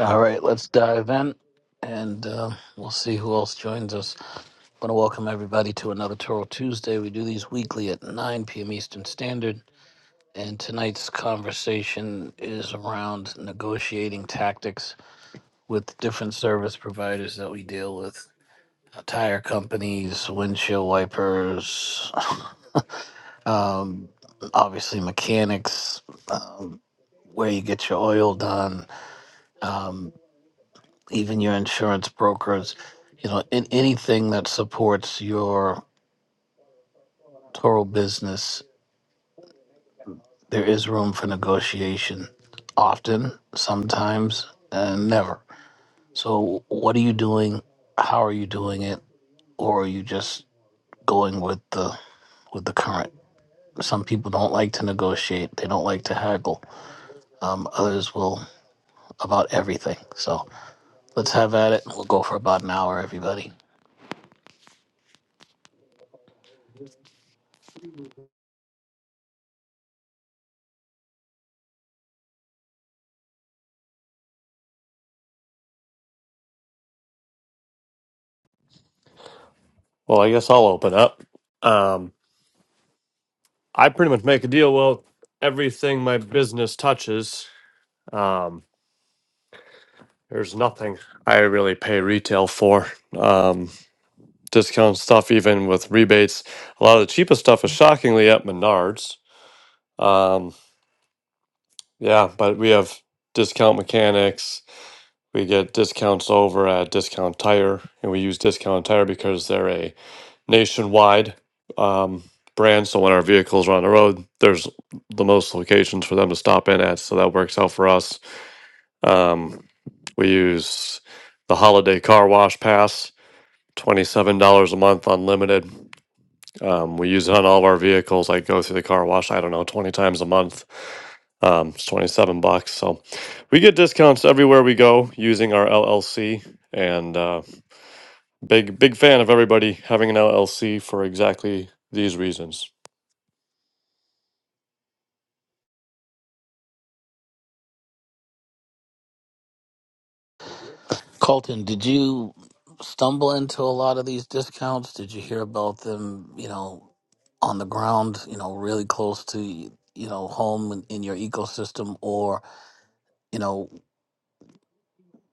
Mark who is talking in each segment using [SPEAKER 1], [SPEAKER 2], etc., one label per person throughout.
[SPEAKER 1] All right, let's dive in and uh, we'll see who else joins us. I want to welcome everybody to another Toro Tuesday. We do these weekly at 9 p.m. Eastern Standard. And tonight's conversation is around negotiating tactics with different service providers that we deal with Uh, tire companies, windshield wipers, um, obviously mechanics, um, where you get your oil done. Um, even your insurance brokers, you know, in anything that supports your Toro business, there is room for negotiation. Often, sometimes, and never. So, what are you doing? How are you doing it? Or are you just going with the with the current? Some people don't like to negotiate. They don't like to haggle. Um, others will about everything. So let's have at it. We'll go for about an hour, everybody.
[SPEAKER 2] Well, I guess I'll open up. Um, I pretty much make a deal with everything my business touches. Um, there's nothing I really pay retail for. Um, discount stuff, even with rebates. A lot of the cheapest stuff is shockingly at Menards. Um, yeah, but we have discount mechanics. We get discounts over at Discount Tire, and we use Discount Tire because they're a nationwide um, brand. So when our vehicles are on the road, there's the most locations for them to stop in at. So that works out for us. Um, we use the holiday car wash pass, $27 a month unlimited. Um, we use it on all of our vehicles. I go through the car wash, I don't know, 20 times a month. Um, it's 27 bucks. So we get discounts everywhere we go using our LLC. And, uh, Big big fan of everybody having an LLC for exactly these reasons.
[SPEAKER 1] Colton, did you stumble into a lot of these discounts? Did you hear about them, you know, on the ground, you know, really close to, you know, home in, in your ecosystem or, you know,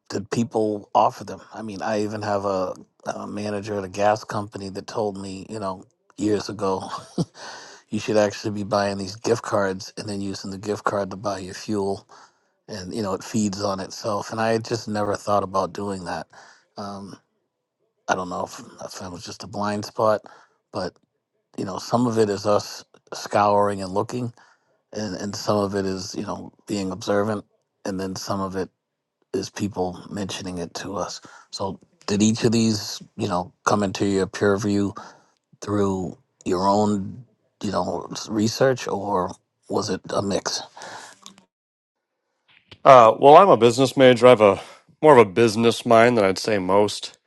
[SPEAKER 1] did people offer them? I mean, I even have a, a manager at a gas company that told me, you know, years ago, you should actually be buying these gift cards and then using the gift card to buy your fuel and, you know, it feeds on itself. And I had just never thought about doing that. Um, I don't know if, if it was just a blind spot, but you know, some of it is us scouring and looking, and, and some of it is you know being observant, and then some of it is people mentioning it to us. So, did each of these you know come into your peer review through your own you know s- research, or was it a mix?
[SPEAKER 2] Uh, well, I'm a business major. I have a more of a business mind than I'd say most.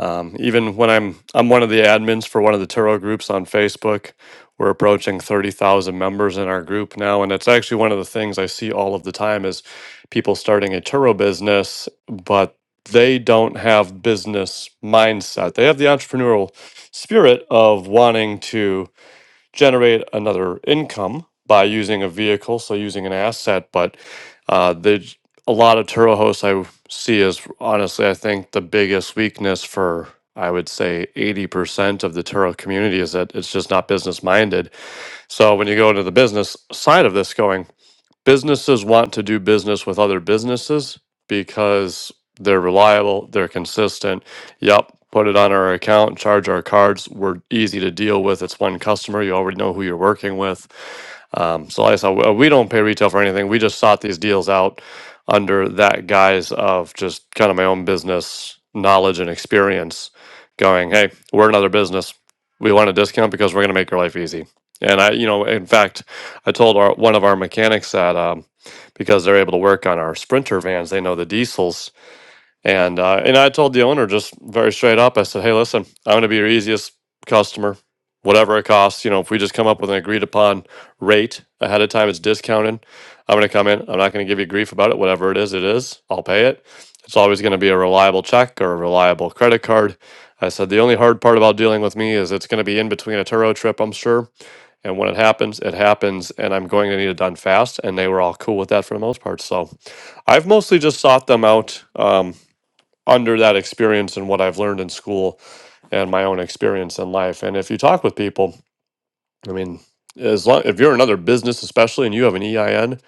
[SPEAKER 2] Um, even when I'm I'm one of the admins for one of the Turo groups on Facebook. We're approaching thirty thousand members in our group now, and it's actually one of the things I see all of the time is people starting a Turo business, but they don't have business mindset. They have the entrepreneurial spirit of wanting to generate another income by using a vehicle, so using an asset. But uh, the a lot of Turo hosts I see is honestly, I think the biggest weakness for I would say 80% of the Turo community is that it's just not business minded. So when you go into the business side of this, going businesses want to do business with other businesses because they're reliable, they're consistent. Yep, put it on our account, charge our cards. We're easy to deal with. It's one customer. You already know who you're working with. Um, so, like I said, w- we don't pay retail for anything. We just sought these deals out under that guise of just kind of my own business knowledge and experience going, hey, we're another business. We want a discount because we're going to make your life easy. And I, you know, in fact, I told our, one of our mechanics that um, because they're able to work on our Sprinter vans, they know the diesels. And uh, and I told the owner just very straight up. I said, "Hey, listen, I'm going to be your easiest customer, whatever it costs. You know, if we just come up with an agreed upon rate ahead of time, it's discounted. I'm going to come in. I'm not going to give you grief about it. Whatever it is, it is. I'll pay it. It's always going to be a reliable check or a reliable credit card." I said, the only hard part about dealing with me is it's going to be in between a Turo trip, I'm sure and when it happens, it happens, and I'm going to need it done fast. And they were all cool with that for the most part. So I've mostly just sought them out um, under that experience and what I've learned in school and my own experience in life. And if you talk with people, I mean, as long if you're another business, especially, and you have an EIN,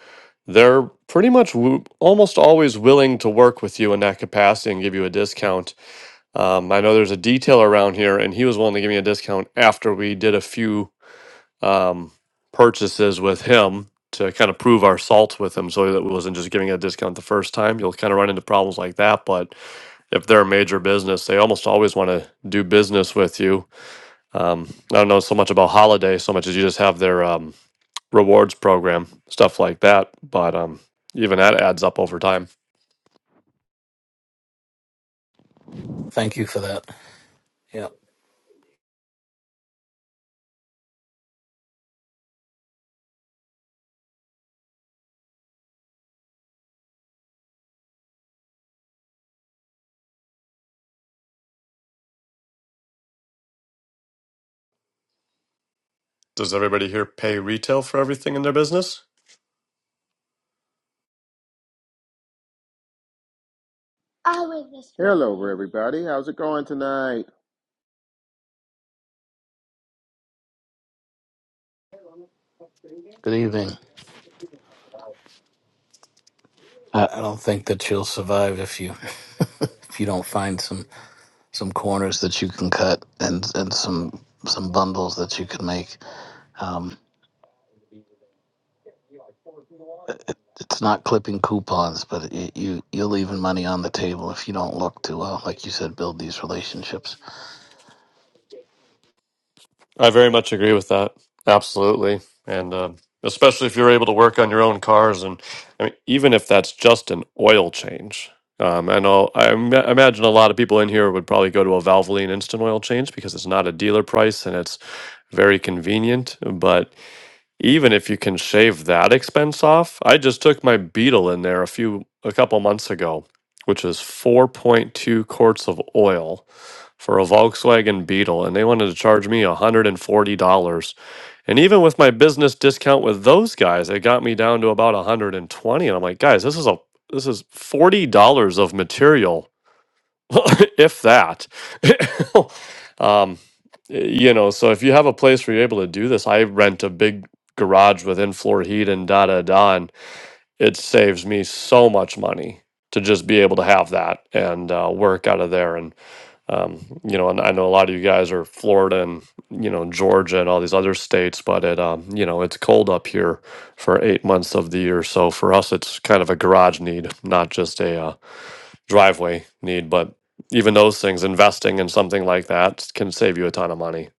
[SPEAKER 2] they're pretty much w- almost always willing to work with you in that capacity and give you a discount. Um, I know there's a detailer around here, and he was willing to give me a discount after we did a few um, purchases with him to kind of prove our salt with him so that we wasn't just giving a discount the first time. You'll kind of run into problems like that. But if they're a major business, they almost always want to do business with you. Um, I don't know so much about holiday so much as you just have their um, rewards program, stuff like that. But um, even that adds up over time.
[SPEAKER 1] Thank you for that. Yeah.
[SPEAKER 2] Does everybody here pay retail for everything in their business?
[SPEAKER 3] I was just Hello, everybody. How's it going tonight?
[SPEAKER 1] Good evening. I, I don't think that you'll survive if you if you don't find some. some corners that you can cut and and some some bundles that you can make. Um, it's not clipping coupons, but it, you you're leaving money on the table if you don't look to, uh, like you said, build these relationships.
[SPEAKER 2] I very much agree with that. Absolutely. And um, especially if you're able to work on your own cars. And I mean, even if that's just an oil change. Um, I know, I ima- imagine a lot of people in here would probably go to a Valvoline instant oil change because it's not a dealer price and it's very convenient. But even if you can shave that expense off, I just took my Beetle in there a few a couple months ago, which is 4.2 quarts of oil for a Volkswagen Beetle and they wanted to charge me $140. And forty dollars. And even with my business discount with those guys, it got me down to about 120 and twenty. And I'm like, "Guys, this is a this is $40 of material if that. um, you know, so if you have a place where you're able to do this, I rent a big garage with in floor heat and da da da, and it saves me so much money to just be able to have that and uh, work out of there. And, um, you know, and I know a lot of you guys are Florida and, you know, Georgia and all these other states, but it, um, you know, it's cold up here for eight months of the year. So for us, it's kind of a garage need, not just a, uh, driveway need, but even those things, investing in something like that can save you a ton of money.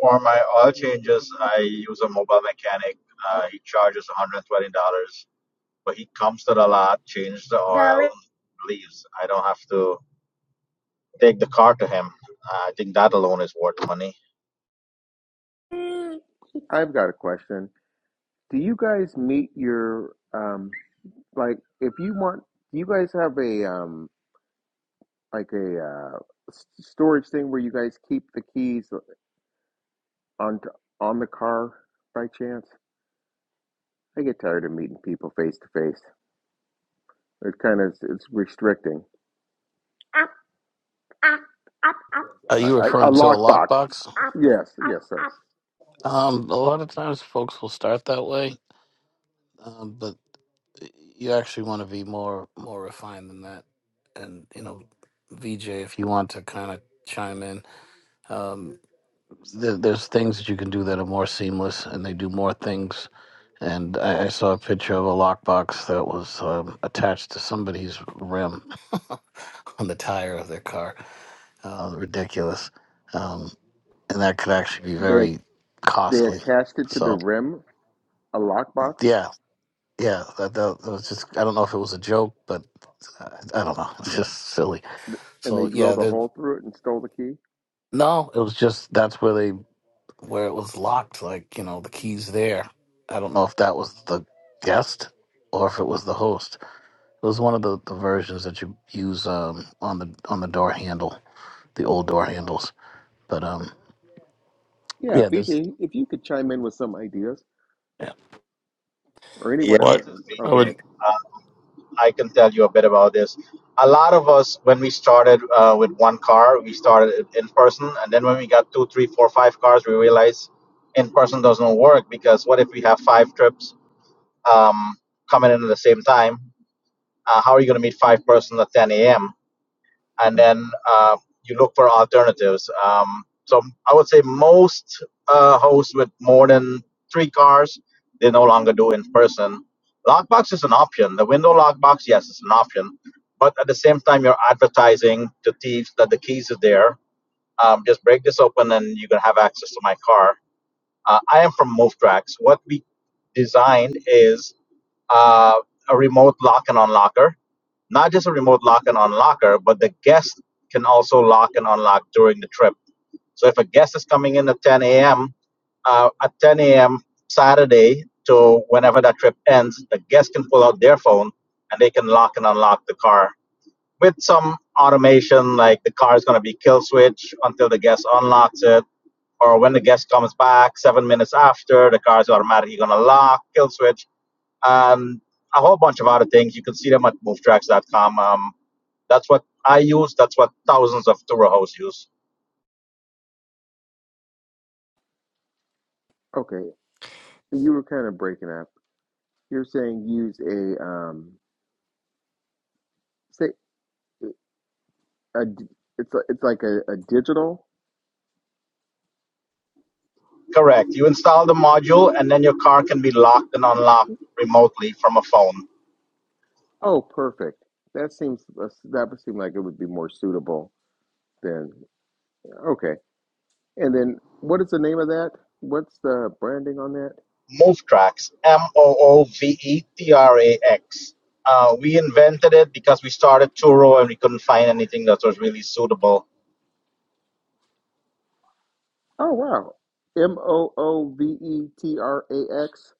[SPEAKER 4] For my oil changes, I use a mobile mechanic. Uh, he charges $120, but he comes to the lot, changes the oil,
[SPEAKER 3] darling.
[SPEAKER 4] leaves. I don't have to take the car to him. Uh, I think that alone is worth money.
[SPEAKER 3] I've got a question. Do you guys meet your um like if you want? Do you guys have a um like a uh, s- storage thing where you guys keep the keys on on the car by chance? I get tired of meeting people face to face. It kind of it's restricting. Up, up, up, up,
[SPEAKER 1] Are
[SPEAKER 3] I,
[SPEAKER 1] you
[SPEAKER 3] I, a
[SPEAKER 1] referring to a
[SPEAKER 3] lockbox.
[SPEAKER 1] lockbox?
[SPEAKER 3] up, Yes, up, yes, sir. up.
[SPEAKER 1] Um, a lot of times, folks will start that way, um, but you actually want to be more more refined than that. And you know, VJ, if you want to kind of chime in, um, there, there's things that you can do that are more seamless and they do more things. And I, I saw a picture of a lockbox that was um, attached to somebody's rim on the tire of their car. Uh, ridiculous. Um, and that could actually be
[SPEAKER 3] They
[SPEAKER 1] very
[SPEAKER 3] they
[SPEAKER 1] costly.
[SPEAKER 3] attached it to the
[SPEAKER 1] So,
[SPEAKER 3] rim a lockbox
[SPEAKER 1] yeah, yeah, that, that, that was just, I don't know if it was a joke, but I, I don't know. It's just silly.
[SPEAKER 3] and they
[SPEAKER 1] So, yeah,
[SPEAKER 3] drilled a
[SPEAKER 1] there-
[SPEAKER 3] hole through it and stole the key?
[SPEAKER 1] no, it was just, that's where they where it was locked, like, you know, the keys there. I don't know if that was the guest or if it was the host. It was one of the, the versions that you use um, on the on the door handle, the old door handles. But um
[SPEAKER 3] Yeah,
[SPEAKER 1] yeah, there's
[SPEAKER 3] Fiji, if you could chime in with some ideas
[SPEAKER 1] yeah.
[SPEAKER 3] or
[SPEAKER 4] Yeah.
[SPEAKER 3] anyone else.
[SPEAKER 4] This is me.
[SPEAKER 3] Oh, go ahead.
[SPEAKER 4] Um, I can tell you a bit about this. A lot of us, when we started uh, with one car, we started it in person, and then when we got two, three, four, five cars, we realized in person doesn't work because what if we have five trips um, coming in at the same time? uh, how are you going to meet five persons at 10 a.m and then uh, you look for alternatives um, so i would say most uh, hosts with more than three cars they no longer do in person lockbox is an option the window lockbox yes it's an option but at the same time you're advertising to thieves that the keys are there um, just break this open and you can have access to my car uh, i am from movetrax what we designed is uh, a remote lock and unlocker not just a remote lock and unlocker, but the guest can also lock and unlock during the trip. So if a guest is coming in at 10 a.m., uh, at 10 a.m. Saturday to whenever that trip ends, the guest can pull out their phone and they can lock and unlock the car with some automation, like the car is going to be kill switch until the guest unlocks it, or when the guest comes back seven minutes after, the car is automatically going to lock, kill switch, and a whole bunch of other things. You can see them at movetracks.com. Um, that's what I use. That's what thousands of tour hosts use.
[SPEAKER 3] Okay, you were kind of breaking up. You're saying use a um, say a it's a, it's like a, a digital.
[SPEAKER 4] Correct. You install the module, and then your car can be locked and unlocked remotely from a phone.
[SPEAKER 3] Oh, perfect. That seems that would seem like it would be more suitable than okay. And then what is the name of that? What's the branding on that?
[SPEAKER 4] MoveTrax, M O O V E T R A X. Uh, we invented it because we started Turo and we couldn't find anything that was really suitable.
[SPEAKER 3] Oh wow, M O O V E T R A X.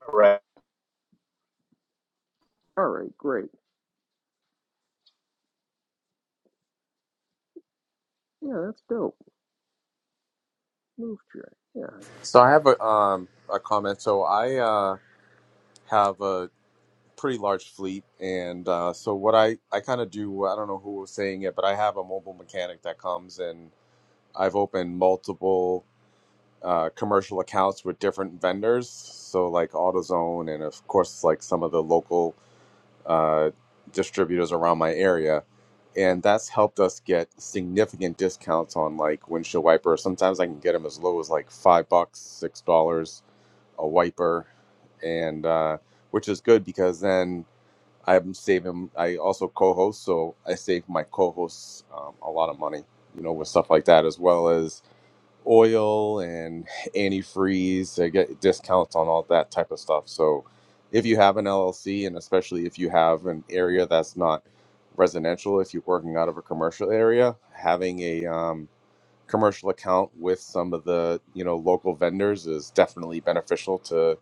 [SPEAKER 4] Correct.
[SPEAKER 3] All right, great. Yeah, that's dope. Move chair. Yeah.
[SPEAKER 5] So I have a um a comment. So I uh have a pretty large fleet, and uh, so what I I kind of do. I don't know who was saying it, but I have a mobile mechanic that comes, and I've opened multiple uh, commercial accounts with different vendors. So like AutoZone, and of course like some of the local uh, distributors around my area. And that's helped us get significant discounts on like windshield wiper. Sometimes I can get them as low as like five bucks, six dollars a wiper, and uh, which is good because then I'm saving. I also co-host, so I save my co-hosts um, a lot of money, you know, with stuff like that, as well as oil and antifreeze. I get discounts on all that type of stuff. So if you have an LLC, and especially if you have an area that's not residential, if you're working out of a commercial area, having a um, commercial account with some of the you know local vendors is definitely beneficial to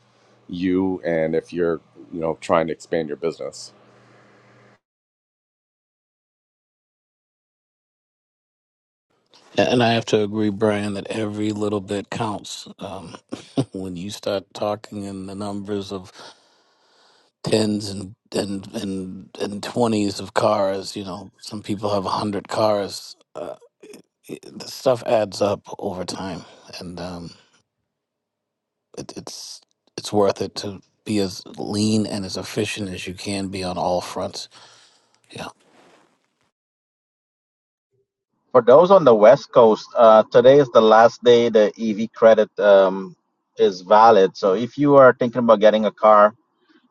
[SPEAKER 5] you and if you're you know trying to expand your business
[SPEAKER 1] and I have to agree, Brian, that every little bit counts. Um, when you start talking in the numbers of tens and and and and twenties of cars, you know, some people have a hundred cars. uh, it- the stuff adds up over time, and um, it, it's it's worth it to be as lean and as efficient as you can be on all fronts. Yeah,
[SPEAKER 4] For those on the West Coast, uh, today is the last day the EV credit um, is valid. So if you are thinking about getting a car,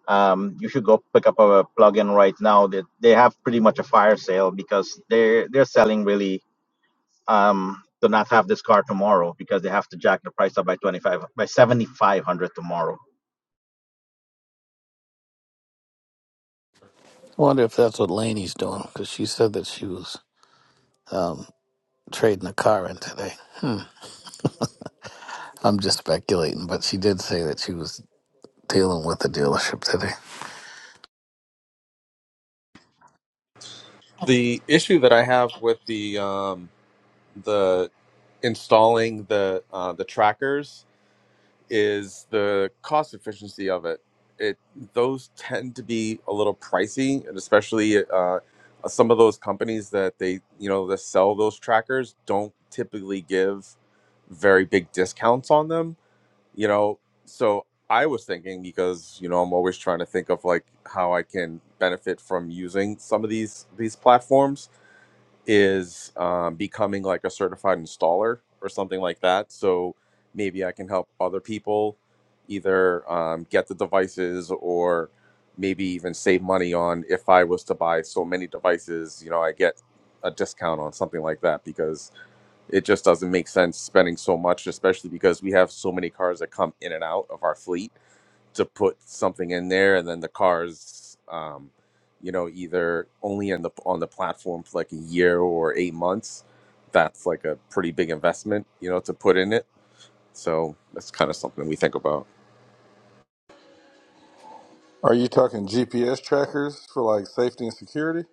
[SPEAKER 4] um, you should go pick up a plugin right now. That they they have pretty much a fire sale because they're they're selling really um, to not have this car tomorrow because they have to jack the price up by twenty five by seventy five hundred tomorrow.
[SPEAKER 1] I wonder if that's what Lainey's doing because she said that she was um, trading a car in today. Hmm. I'm just speculating, but she did say that she was dealing with the dealership today.
[SPEAKER 5] the issue that i have with the um the installing the uh, the trackers is the cost efficiency of it it those tend to be a little pricey and especially uh uh, some of those companies that they you know that sell those trackers don't typically give very big discounts on them you know so i was thinking because you know i'm always trying to think of like how i can benefit from using some of these these platforms is um, becoming like a certified installer or something like that so maybe i can help other people either um, get the devices or maybe even save money on if i was to buy so many devices you know i get a discount on something like that because it just doesn't make sense spending so much, especially because we have so many cars that come in and out of our fleet to put something in there, and then the cars, um, you know, either only in the on the platform for like a year or eight months. That's like a pretty big investment, you know, to put in it. So that's kind of something we think about.
[SPEAKER 6] Are you talking GPS trackers for like safety and security?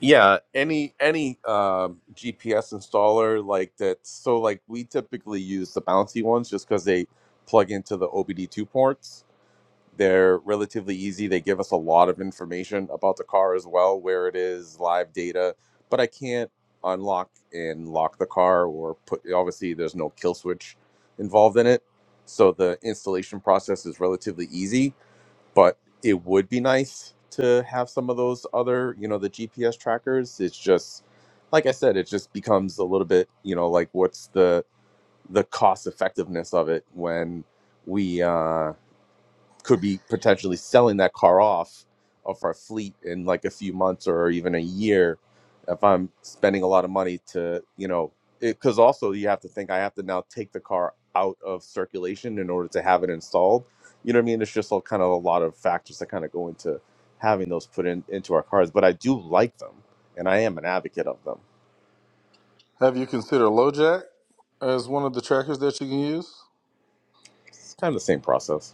[SPEAKER 5] Yeah, any any um, GPS installer like that. So like we typically use the bouncy ones just because they plug into the OBD2 ports. They're relatively easy. They give us a lot of information about the car as well, where it is, live data, but I can't unlock and lock the car or put, obviously, there's no kill switch involved in it. So the installation process is relatively easy, but it would be nice to have some of those other, you know, the GPS trackers. It's just, like I said, it just becomes a little bit, you know, like what's the, the cost effectiveness of it when we uh could be potentially selling that car off of our fleet in like a few months or even a year if I'm spending a lot of money to, you know, because also you have to think I have to now take the car out of circulation in order to have it installed. You know what I mean? It's just all kind of a lot of factors that kind of go into having those put in into our cars. But I do like them, and I am an advocate of them.
[SPEAKER 6] Have you considered LoJack as one of the trackers that you can use?
[SPEAKER 5] It's kind of the same process.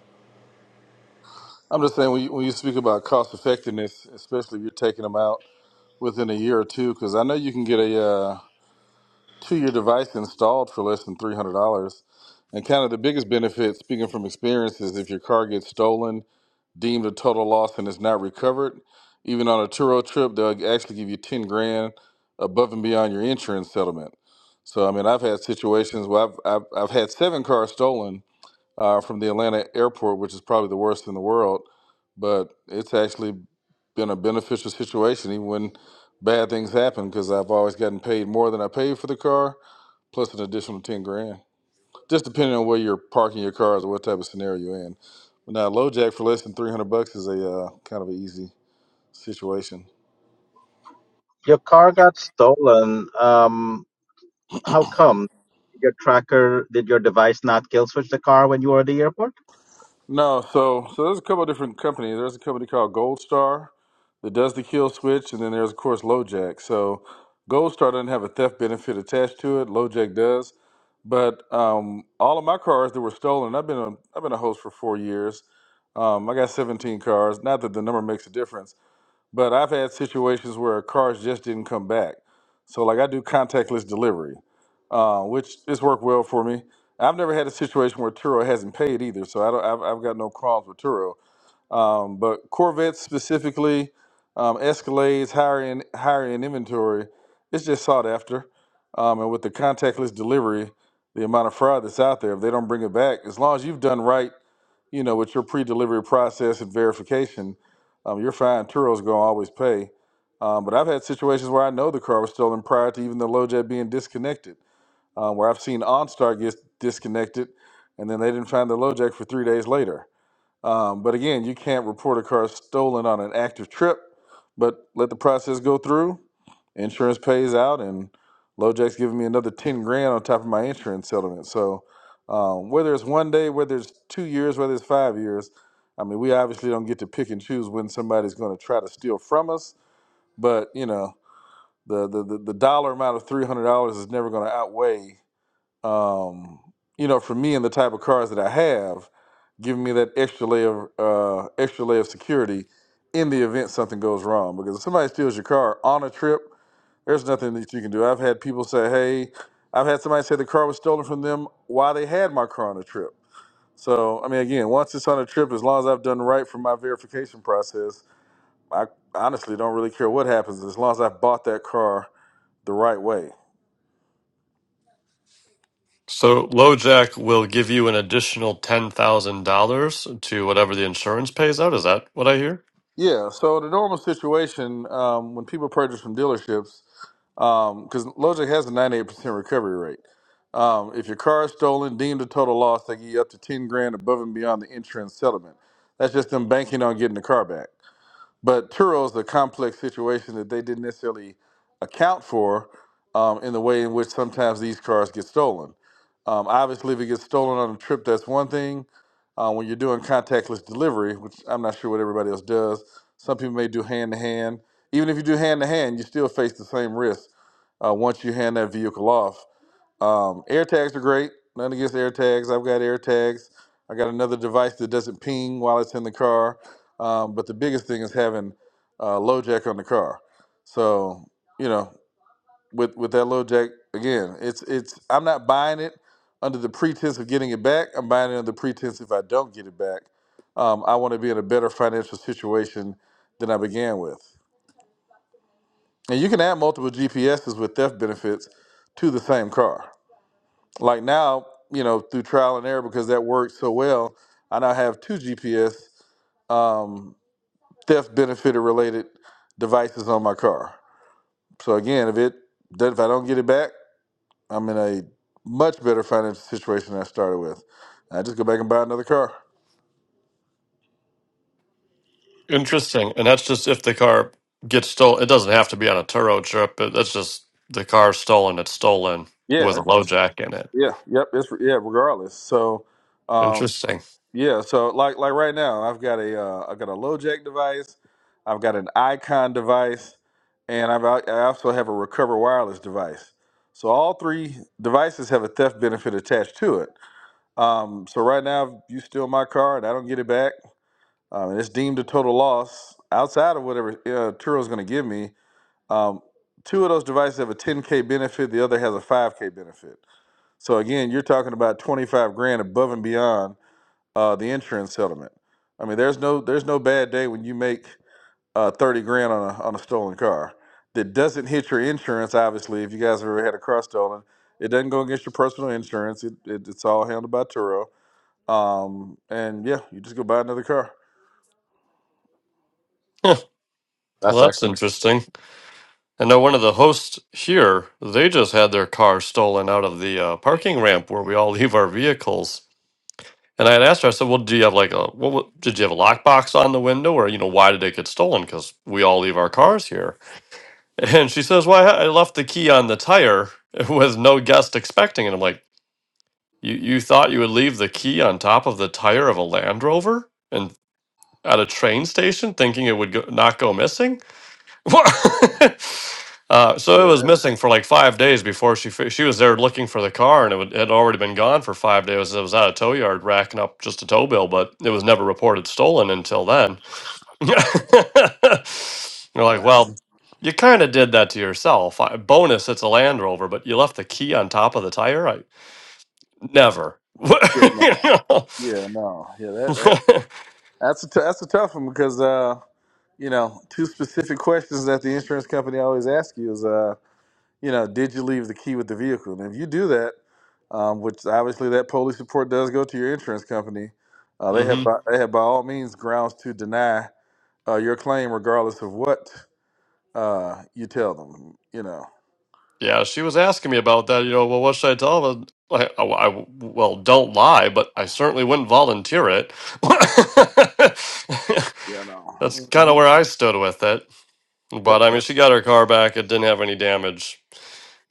[SPEAKER 6] I'm just saying when you, when you speak about cost effectiveness, especially if you're taking them out within a year or two, because I know you can get a uh, two-year device installed for less than three hundred dollars. And kind of the biggest benefit, speaking from experience, is if your car gets stolen deemed a total loss and is not recovered. Even on a Turo trip, they'll actually give you 10 grand above and beyond your insurance settlement. So, I mean, I've had situations where I've, I've, I've had seven cars stolen uh, from the Atlanta airport, which is probably the worst in the world, but it's actually been a beneficial situation even when bad things happen because I've always gotten paid more than I paid for the car, plus an additional 10 grand. Just depending on where you're parking your cars or what type of scenario you're in. now, low jack for less than 300 bucks is a uh, kind of an easy situation.
[SPEAKER 4] Your car got stolen. Um, how come? Your tracker did your device not kill switch the car when you were at the airport?
[SPEAKER 6] No, so so there's a couple of different companies. There's a company called Gold Star that does the kill switch, and then there's of course LoJack. So Gold Star doesn't have a theft benefit attached to it. LoJack does, but um, all of my cars that were stolen, I've been a, I've been a host for four years. Um, I got 17 cars. Not that the number makes a difference But I've had situations where cars just didn't come back. So like I do contactless delivery, uh, which has worked well for me. I've never had a situation where Turo hasn't paid either, so I don't. I've, I've got no qualms with Turo. Um, but Corvettes specifically, um, Escalades, higher end, higher end inventory, it's just sought after. Um, and with the contactless delivery, the amount of fraud that's out there, if they don't bring it back, as long as you've done right you know, with your pre-delivery process and verification, um, you're fine. Turo's gonna always pay. Um, but I've had situations where I know the car was stolen prior to even the LoJack being disconnected, um, where I've seen OnStar get disconnected, and then they didn't find the LoJack for three days later. Um, but again, you can't report a car stolen on an active trip, but let the process go through. Insurance pays out, and LoJack's giving me another 10 grand on top of my insurance settlement. So um, whether it's one day, whether it's two years, whether it's five years, I mean, we obviously don't get to pick and choose when somebody's going to try to steal from us, but you know, the, the, the, the dollar amount of $300 is never going to outweigh um, you know, for me and the type of cars that I have, giving me that extra layer of uh, extra layer of security in the event something goes wrong. Because if somebody steals your car on a trip, there's nothing that you can do. I've had people say, "Hey," I've had somebody say the car was stolen from them while they had my car on a trip. So I mean, again, once it's on a trip, as long as I've done right for my verification process, I honestly don't really care what happens as long as I bought that car the right way.
[SPEAKER 2] So LoJack will give you an additional ten thousand dollars to whatever the insurance pays out. Is that what I hear?
[SPEAKER 6] Yeah, so the normal situation um, when people purchase from dealerships, because Logic has a 98% recovery rate. Um, if your car is stolen, deemed a total loss, they give you up to 10 grand above and beyond the insurance settlement. That's just them banking on getting the car back. But Turow is a complex situation that they didn't necessarily account for um, in the way in which sometimes these cars get stolen. Um, obviously, if it gets stolen on a trip, that's one thing. Uh, when you're doing contactless delivery, which I'm not sure what everybody else does, some people may do hand to hand. Even if you do hand to hand, you still face the same risk uh, once you hand that vehicle off. Um, air tags are great. Nothing against air tags. I've got air tags. I got another device that doesn't ping while it's in the car. Um, but the biggest thing is having uh, low jack on the car. So you know, with with that low jack again, it's it's. I'm not buying it under the pretense of getting it back. I'm buying it under the pretense if I don't get it back, um, I want to be in a better financial situation than I began with. And you can add multiple GPSs with theft benefits to the same car. Like now, you know, through trial and error, because that worked so well, I now have two GPS um, theft benefit related devices on my car. So again, if it if I don't get it back, I'm in a much better financial situation than I started with. I just go back and buy another car.
[SPEAKER 2] Interesting. And that's just if the car gets stolen. It doesn't have to be on a Turo trip, but that's just the car stolen. It's stolen with
[SPEAKER 6] Yeah,
[SPEAKER 2] a low
[SPEAKER 6] it's-
[SPEAKER 2] jack in it.
[SPEAKER 6] yeah, yep. It's yeah, regardless. So, um,
[SPEAKER 2] Interesting.
[SPEAKER 6] Yeah, so like like right now, I've got a uh, I've got a low jack device, I've got an Icon device, and I've al- I also have a Recover wireless device. So all three devices have a theft benefit attached to it. Um, so right now, if you steal my car and I don't get it back, um, and it's deemed a total loss outside of whatever uh, Turo's going to give me. Um, two of those devices have a 10k benefit, the other has a 5k benefit. So again, you're talking about 25 grand above and beyond uh, the insurance settlement. I mean, there's no there's no bad day when you make uh, thirty grand on a on a stolen car that doesn't hit your insurance. Obviously, if you guys have ever had a car stolen, it doesn't go against your personal insurance. It, it it's all handled by Turo. Um, and yeah, you just go buy another car.
[SPEAKER 2] Huh.
[SPEAKER 5] That's
[SPEAKER 2] Well, that's
[SPEAKER 5] actually
[SPEAKER 2] interesting. I know one of the hosts here, they just had their car stolen out of the uh, parking ramp where we all leave our vehicles. And I had asked her, I said, well, do you have like a, what, wa- did you have a lockbox on the window or, you know, why did it get stolen? Because we all leave our cars here. And she says, well, I I left the key on the tire with no guest expecting. And I'm like, you, you thought you would leave the key on top of the tire of a Land Rover and at a train station thinking it would go, not go missing? What? uh, so
[SPEAKER 6] Yeah,
[SPEAKER 2] it was
[SPEAKER 6] that,
[SPEAKER 2] missing for like five days before she fi- she was there looking for the car, and it would, had already been gone for five days. It was at a tow yard racking up just a tow bill, but it was never reported stolen until then. You're like,
[SPEAKER 6] that's
[SPEAKER 2] well, you kind of did that to yourself. I, bonus, it's a Land Rover, but you left the key on top of the tire. I never.
[SPEAKER 6] yeah no
[SPEAKER 2] You
[SPEAKER 6] yeah no yeah that that
[SPEAKER 2] know?
[SPEAKER 6] that's a t- that's a tough one because uh you know two specific questions that the insurance company always asks you is uh you know, did you leave the key with the vehicle? And if you do that, um, which obviously that police report does go to your insurance company, uh, they have by, they have by all means grounds to deny uh, your claim, regardless of what uh, you tell them. You know.
[SPEAKER 2] Yeah, she was asking me about that. You know, well, what should I tell them? I, I, I- well, don't lie, but I certainly wouldn't volunteer it.
[SPEAKER 6] Yeah, no.
[SPEAKER 2] That's kind of
[SPEAKER 6] hmm
[SPEAKER 2] where I stood with it.
[SPEAKER 6] Yep.
[SPEAKER 2] But I mean, she got her car back; it didn't have any damage.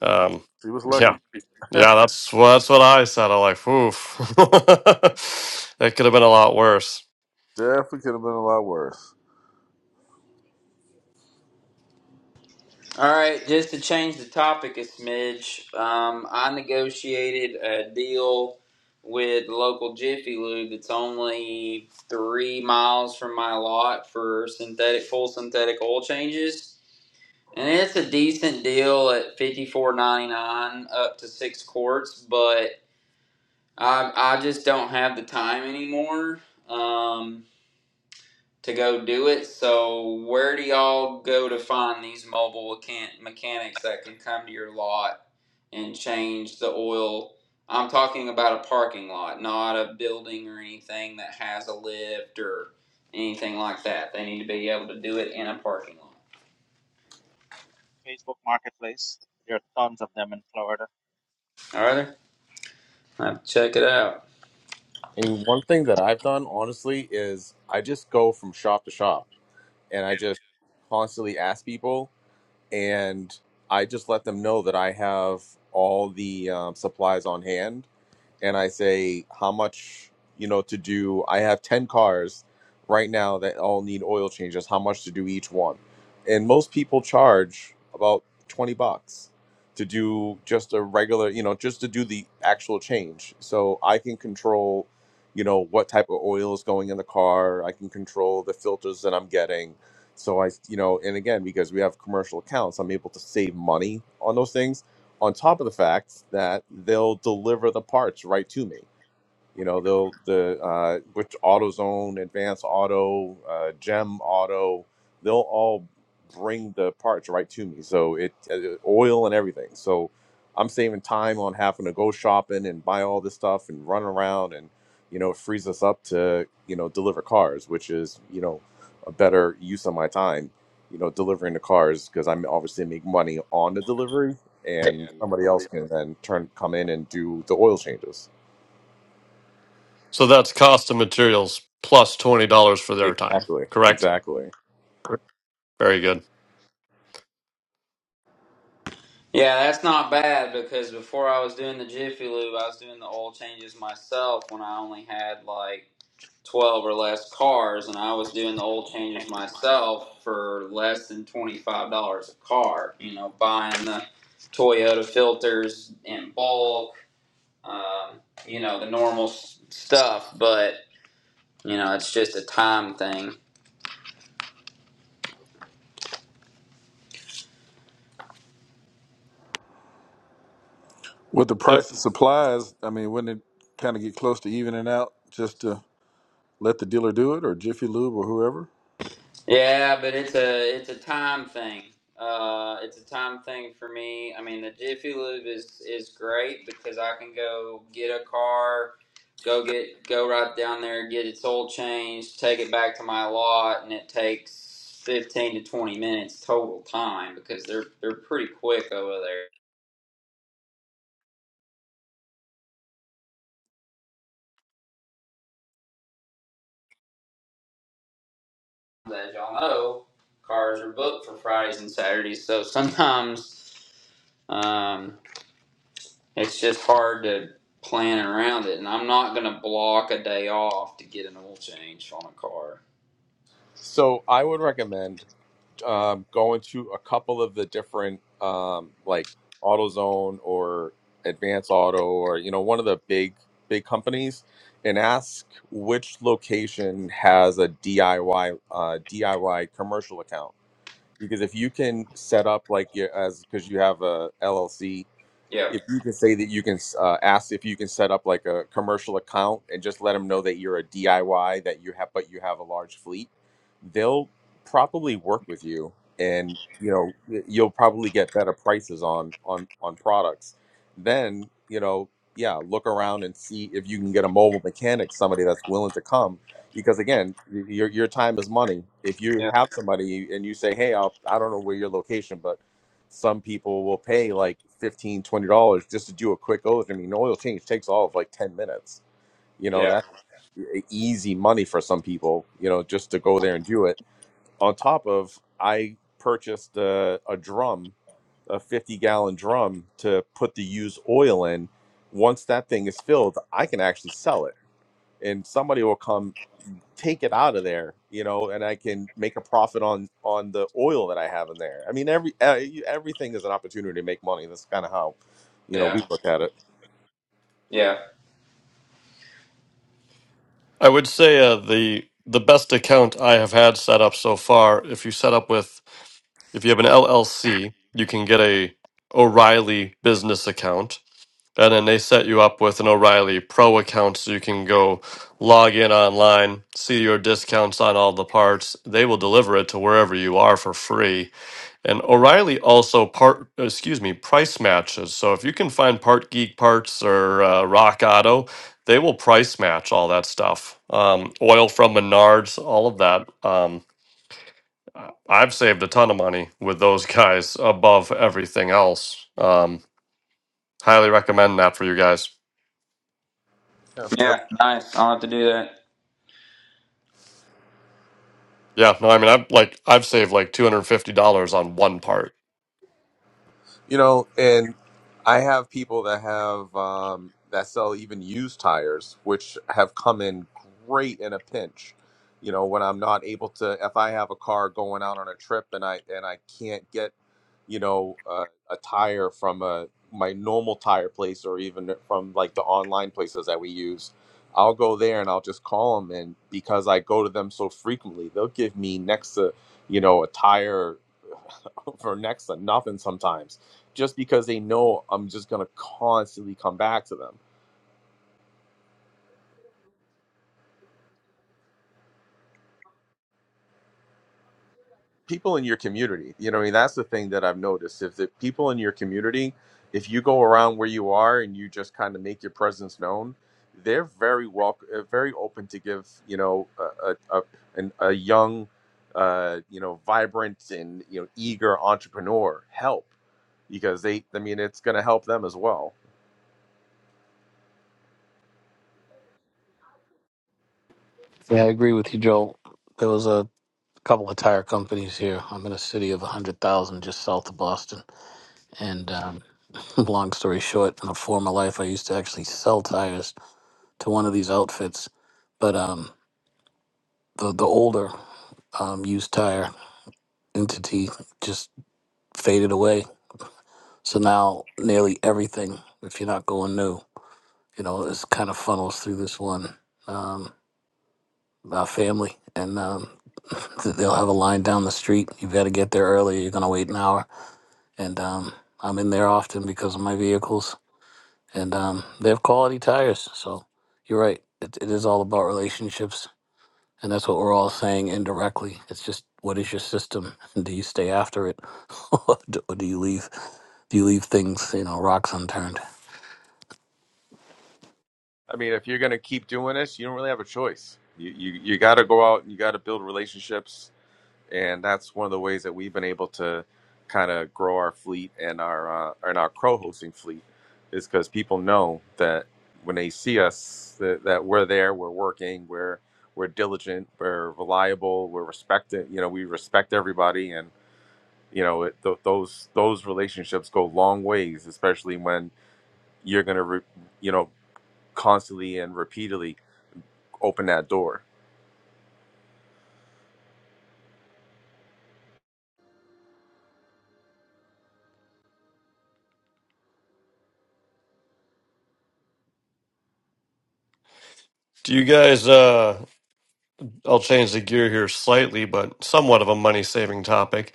[SPEAKER 2] Um,
[SPEAKER 6] She was lucky.
[SPEAKER 2] yeah, yeah, that's what that's what I said. I'm like, oof, that could have been a lot worse.
[SPEAKER 6] Definitely could have been a lot worse.
[SPEAKER 7] All right, just to change the topic a smidge, um, I negotiated a deal with the local Jiffy Lube that's only three miles from my lot for synthetic full synthetic oil changes, and it's a decent deal at fifty four ninety nine up to six quarts, but I I just don't have the time anymore. Um, to go do it. So where do y'all go to find these mobile mechan- mechanics that can come to your lot and change the oil? I'm talking about a parking lot, not a building or anything that has a lift or anything like that. They need to be able to do it in a parking lot.
[SPEAKER 4] Facebook Marketplace. There are tons of them in Florida.
[SPEAKER 7] All right, I have to check it out.
[SPEAKER 5] and one thing that I've done honestly is I just go from shop to shop. and I just constantly ask people, and I just let them know that I have all the um, supplies on hand and I say how much you know to do. I have ten cars right now that all need oil changes. How much to do each one? And most people charge about twenty bucks to do just a regular, you know, just to do the actual change. So I can control, you know, what type of oil is going in the car. I can control the filters that I'm getting. So I, you know, and again, because we have commercial accounts, I'm able to save money on those things on top of the fact that they'll deliver the parts right to me you know, they'll the uh, which AutoZone, Advance Auto, uh, Gem Auto, they'll all bring the parts right to me. So it uh, oil and everything. So I'm saving time on having to go shopping and buy all this stuff and run around and you know it frees us up to you know deliver cars, which is you know a better use of my time. You know, delivering the cars because I'm obviously make money on the delivery, and
[SPEAKER 6] And
[SPEAKER 5] somebody
[SPEAKER 6] somebody
[SPEAKER 5] else can then turn come in and do the oil changes.
[SPEAKER 2] So that's cost of materials plus twenty dollars for their time.
[SPEAKER 5] Exactly,
[SPEAKER 2] Correct.
[SPEAKER 5] exactly.
[SPEAKER 2] Correct. Very good.
[SPEAKER 7] Yeah, that's not bad because before I was doing the Jiffy Lube, I was doing the oil changes myself when I only had like 12 or less cars and I was doing the oil changes myself for less than $25 a car, you know, buying the Toyota filters in bulk, um, you know, the normal s- stuff, but you know, it's just a time thing.
[SPEAKER 6] With the price of supplies, I mean, wouldn't it kind of get close to evening out just to let the dealer do it, or Jiffy Lube, or whoever?
[SPEAKER 7] Yeah, but it's a it's a time thing. Uh, it's a time thing for me. I mean, the Jiffy Lube is is great because I can go get a car, go get go right down there, get its oil changed, take it back to my lot, and it takes fifteen to twenty minutes total time because they're they're pretty quick over there. As y'all know, cars are booked for Fridays and Saturdays, so sometimes. Um, It's just hard to plan around it, and I'm not gonna block a day off to get an oil change on a car.
[SPEAKER 5] So I would recommend um, going to a couple of the different, um, like AutoZone or Advance Auto, or you know, one of the big big companies, and ask which location has a DIY uh, DIY commercial account. Because if you can set up like your as because you have a LLC
[SPEAKER 7] Yeah,
[SPEAKER 5] if you can say that you can uh, ask if you can set up like a commercial account and just let them know that you're a DIY that you have but you have a large fleet, they'll probably work with you and you know y- you'll probably get better prices on on on products. Then, you know, yeah, look around and see if you can get a mobile mechanic, somebody that's willing to come because again, y- your your time is money. If you
[SPEAKER 7] yeah,
[SPEAKER 5] have somebody and you say, "Hey, I'll, I don't know where your location, but some people will pay like 15, 20 dollars just to do a quick oil. i mean oil change takes all of like 10 minutes you know
[SPEAKER 7] yeah,
[SPEAKER 5] that's e- easy money for some people you know just to go there and do it on top of i purchased a, a drum a 50 gallon drum to put the used oil in once that thing is filled i can actually sell it and somebody will come take it out of there, you know, and I can make a profit on on the oil that I have in there. I mean, every uh, you- everything is an opportunity to make money. That's kind of how, you know, we
[SPEAKER 7] yeah,
[SPEAKER 5] look at it.
[SPEAKER 7] yeah,
[SPEAKER 2] I would say uh, the the best account I have had set up so far. If you set up with, if you have an LLC, you can get a O'Reilly business account, and then they set you up with an O'Reilly Pro account, so you can go log in online, see your discounts on all the parts. They will deliver it to wherever you are for free and O'Reilly also part, excuse me, price matches. So if you can find Part Geek parts or uh, Rock Auto, they will price match all that stuff. Um, oil from Menards, all of that. Um, I- I've saved a ton of money with those guys above everything else. Um, highly recommend that for you guys.
[SPEAKER 5] Yeah,
[SPEAKER 7] yeah.
[SPEAKER 5] everything
[SPEAKER 7] Nice. I'll have to do that.
[SPEAKER 2] Yeah, no, I mean, I'm like, I've saved like two hundred fifty dollars on one part.
[SPEAKER 5] You know, and I have people that have um, that sell even used tires, which have come in great in a pinch. You know, when I'm not able to, if I have a car going out on a trip and I and I can't get, you know, uh, a tire from a my normal tire place or even from like the online places that we use, I'll go there and I'll just call them. And because I go to them so frequently, they'll give me next to, you know, a tire for next to nothing sometimes just because they know I'm just going to constantly come back to them. People in your community, you know, I mean, that's the thing that I've noticed. If the people in your community, if you go around where you are and you just kind of make your presence known, they're very welcome, very open to give, you know, a, a, a, an, a young, uh, you know, vibrant and, you know, eager entrepreneur help because they, I mean, it's going to help them as well.
[SPEAKER 1] Yeah, I agree with you, Joel. There was a couple of tire companies here. I'm in a city of 100,000 just south of Boston, and um, Long story short, in a former life, I used to actually sell tires to one of these outfits, but um, the the older um, used tire entity just faded away. So now nearly everything, if you're not going new, you know, is kind of funnels through this one um, uh, family, and um, they'll have a line down the street. You've got to get there early. You're gonna wait an hour, and um, I'm in there often because of my vehicles. and um, they have quality tires. So you're right. It, it is all about relationships, and that's what we're all saying indirectly. It's just what is your system? Do you stay after it, or do or do you leave? Do you leave things, you know, rocks unturned?
[SPEAKER 5] I mean, if you're going to keep doing this, you don't really have a choice. You, you, you got to go out and you got to build relationships and that's one of the ways that we've been able to kind of grow our fleet and our uh, and our co-hosting fleet is because people know that when they see us that, that we're there we're working we're we're diligent we're reliable we're respected you know we respect everybody and you know it, th- those those relationships go long ways especially when you're going to re- you know constantly and repeatedly open that door
[SPEAKER 2] Do you guys? uh I'll change the gear here slightly, but somewhat of a money saving topic.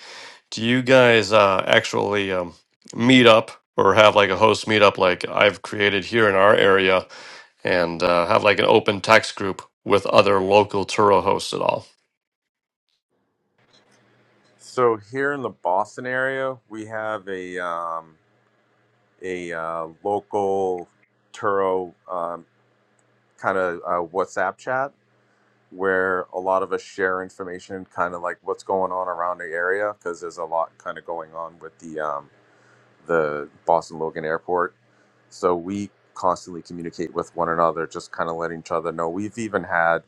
[SPEAKER 2] Do you guys uh, actually um, meet up or have like a host meetup like I've created here in our area and uh, have like an open text group with other local Turo hosts at all?
[SPEAKER 5] so here in the boston area we have a um, a uh, local Turo um, kind of uh, WhatsApp chat where a lot of us share information, kind of like what's going on around the area, because there's a lot kind of going on with the um, the Boston Logan Airport. So we constantly communicate with one another, just kind of letting each other know. We've even had,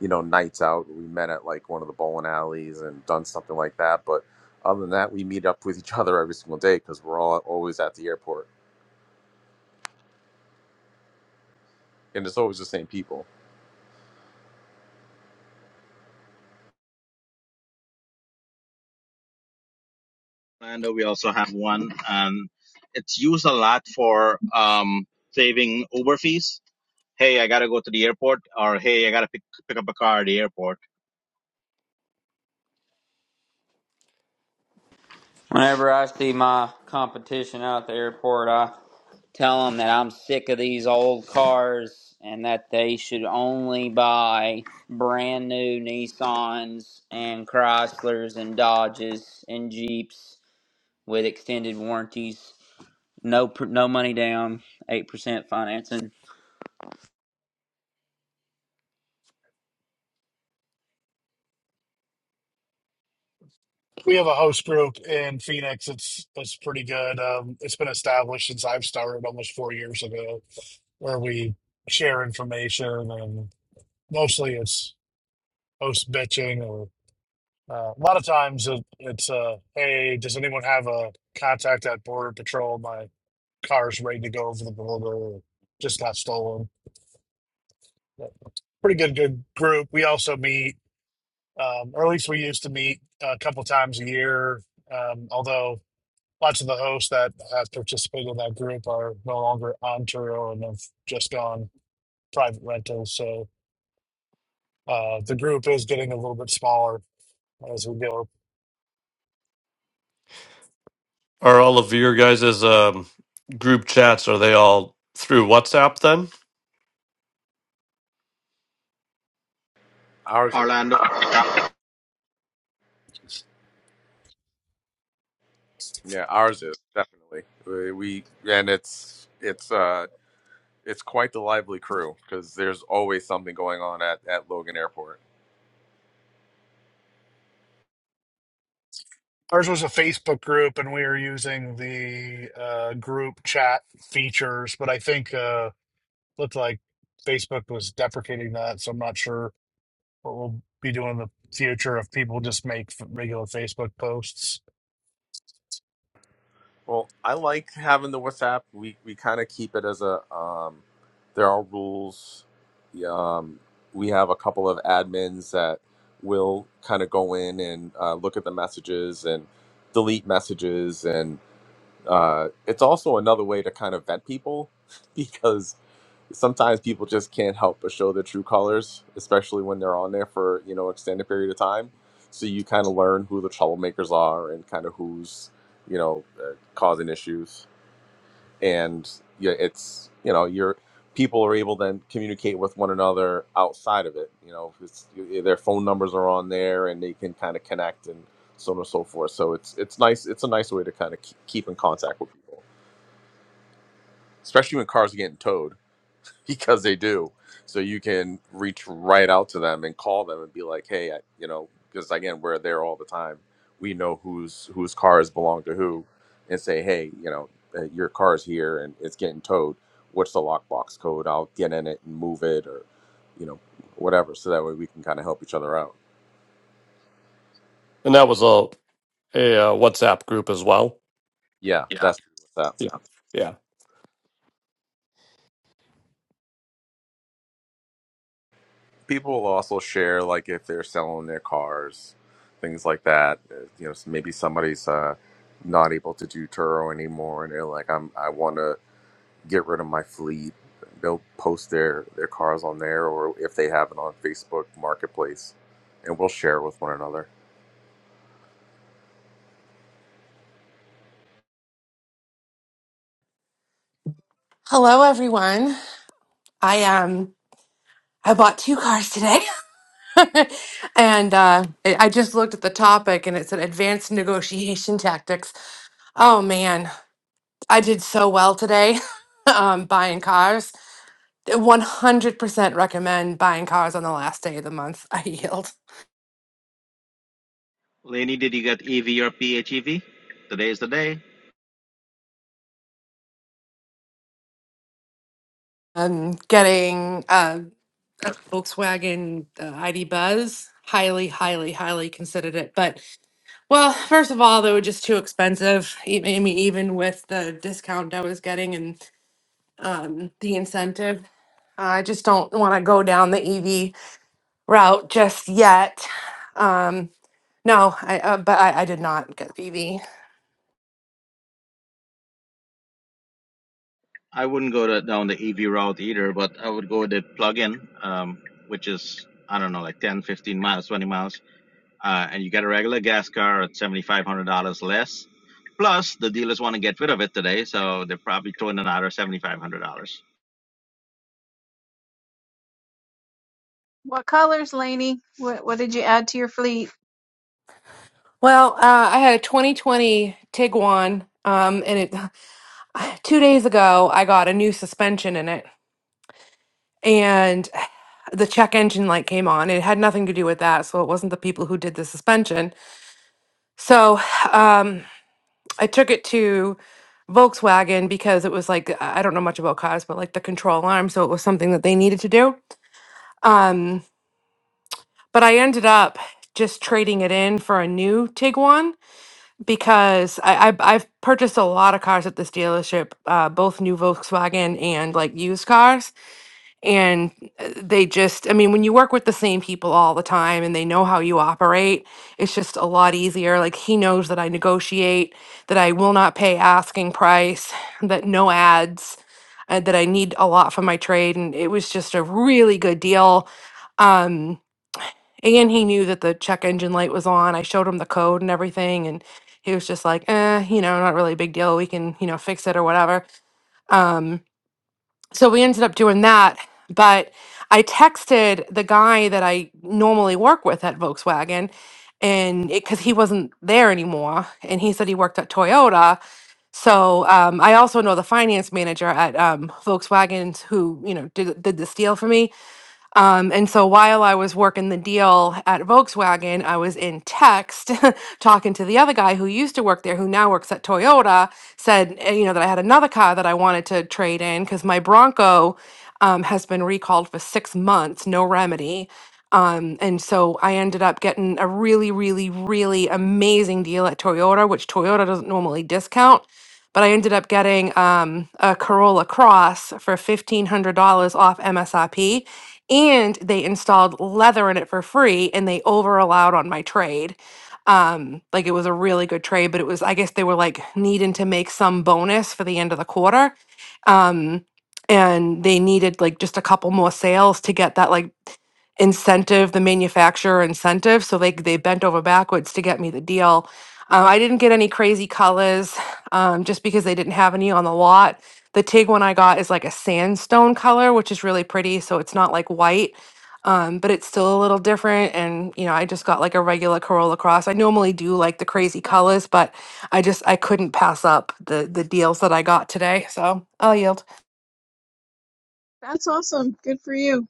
[SPEAKER 5] you know, nights out. We met at like one of the bowling alleys and done something like that. But other than that, we meet up with each other every single day because we're all always at the airport, and it's always the same people.
[SPEAKER 4] Orlando, we also have one, and it's used a lot for um, saving Uber fees. hey, I gotta go to the airport, or hey, I gotta pick pick up a car at the airport.
[SPEAKER 7] Whenever I see my competition out at the airport, I tell them that I'm sick of these old cars and that they should only buy brand new Nissans and Chryslers and Dodges and Jeeps with extended warranties No, no money down, eight percent financing.
[SPEAKER 8] We have a host group in Phoenix. It's it's pretty good. Um, it's been established since I've started almost four years ago, where we share information and mostly it's host bitching or uh, a lot of times it, it's uh, hey, does anyone have a contact at Border Patrol? My car's ready to go over the border. Or just got stolen. But pretty good, good group. We also meet, um, or at least we used to meet a couple times a year. Um, although lots of the hosts that have participated in that group are no longer on Turo and have just gone private rentals. So uh, the group is getting a little bit smaller as we go.
[SPEAKER 2] Are all of your guys' um, group chats, are they all through WhatsApp then?
[SPEAKER 5] Ours is.
[SPEAKER 4] Orlando,
[SPEAKER 5] Yeah, ours is definitely. We we- and it's it's uh it's quite the lively crew because there's always something going on at at Logan Airport.
[SPEAKER 8] Ours was a Facebook group, and we were using the uh, group chat features, but I think uh, looked like Facebook was deprecating that, so I'm not sure what we'll be doing in the future if people just make f- regular Facebook posts.
[SPEAKER 5] Well, I like having the WhatsApp. We we kind of keep it as a um there are rules. Yeah, Um we have a couple of admins that will kind of go in and uh, look at the messages and delete messages and uh, it's also another way to kind of vet people because sometimes people just can't help but show their true colors, especially when they're on there for you know extended period of time. So you kind of learn who the troublemakers are and kind of who's you know uh, causing issues. And yeah, it's you know your people are able to then communicate with one another outside of it. You know, it's, their phone numbers are on there and they can kind of connect and so on and so forth. So it's it's nice. It's a nice way to kind of keep in contact with people, especially when cars are getting towed because they do. So you can reach right out to them and call them and be like, hey, I, you know, because again, we're there all the time. We know whose whose cars belong to who, and say, hey, you know, uh, your car's here and it's getting towed. What's the lockbox code? I'll get in it and move it, or you know, whatever. So that way we can kind of help each other out.
[SPEAKER 2] And that was a a uh, WhatsApp group as well.
[SPEAKER 5] Yeah, that's that.
[SPEAKER 2] Yeah, yeah,
[SPEAKER 5] people will also share like if they're selling their cars things like that Uh, you know maybe somebody's uh not able to do turo anymore and they're like i'm i want to get rid of my fleet they'll post their their cars on there or if they have it on facebook marketplace and we'll share with one another
[SPEAKER 9] Hello, everyone. I um I bought two cars today, and uh, I I just looked at the topic and it said advanced negotiation tactics. Oh man, I did so well today, um, buying cars. One hundred percent recommend buying cars on the last day of the month. I yield.
[SPEAKER 4] today's the day.
[SPEAKER 9] I'm getting uh, a Volkswagen uh, ID Buzz. Highly, highly, highly considered it, but Well, first of all, they were just too expensive. e- I mean, even with the discount I was getting and um, the incentive, I just don't want to go down the EV route just yet. Um, no, I, uh, but I, I did not get the EV.
[SPEAKER 4] I wouldn't go to, down the EV route either, but I would go with the plug-in, um, which is I don't know, like 10, 15 miles, 20 miles, uh, and you get a regular gas car at $7,500 less. Plus, the dealers want to get rid of it today, so they're probably throwing another $7,500.
[SPEAKER 10] What colors, Lainey? What what did you add to your fleet?
[SPEAKER 9] Well, uh, I had a 2020 Tiguan, um, and it two days ago I got a new suspension in it, and the check engine light came on. It had nothing to do with that, so it wasn't the people who did the suspension. So, um, I took it to Volkswagen because it was like I I don't know much about cars, but like the control arm, so it was something that they needed to do. Um, but I ended up just trading it in for a new Tiguan because I, I I've purchased a lot of cars at this dealership, uh, both new Volkswagen and like used cars and uh, they just i mean when you work with the same people all the time and they know how you operate it's just a lot easier like he knows that i negotiate that i will not pay asking price that no ads uh, that i need a lot for my trade and it was just a really good deal um and he knew that the check engine light was on i showed him the code and everything and he was just like eh you know not really a big deal we can you know fix it or whatever Um, so we ended up doing that but i texted the guy that i normally work with at volkswagen and because he wasn't there anymore and he said he worked at toyota so um, i also know the finance manager at um, volkswagen who you know did, did this deal for me um, and so while I was working the deal at Volkswagen, I was in text talking to the other guy who used to work there, who now works at Toyota, said, eh, you know, that I had another car that I wanted to trade in because my Bronco um, has been recalled for six months, no remedy. Um, and so I ended up getting a really, really, really amazing deal at Toyota, which Toyota doesn't normally discount. But I ended up getting um, a Corolla Cross for $1,500 off MSRP and they installed leather in it for free and they over allowed on my trade um like it was a really good trade but it was i guess they were like needing to make some bonus for the end of the quarter um and they needed like just a couple more sales to get that like incentive the manufacturer incentive so they they bent over backwards to get me the deal uh, i didn't get any crazy colors um, just because they didn't have any on the lot the Tig one I got is like a sandstone color, which is really pretty. So it's not like white, um, but it's still a little different. And, you know, I just got like a regular Corolla Cross. I normally do like the crazy colors, but I just, I couldn't pass up the, the deals that I got today. So I'll yield.
[SPEAKER 10] That's awesome. Good for you.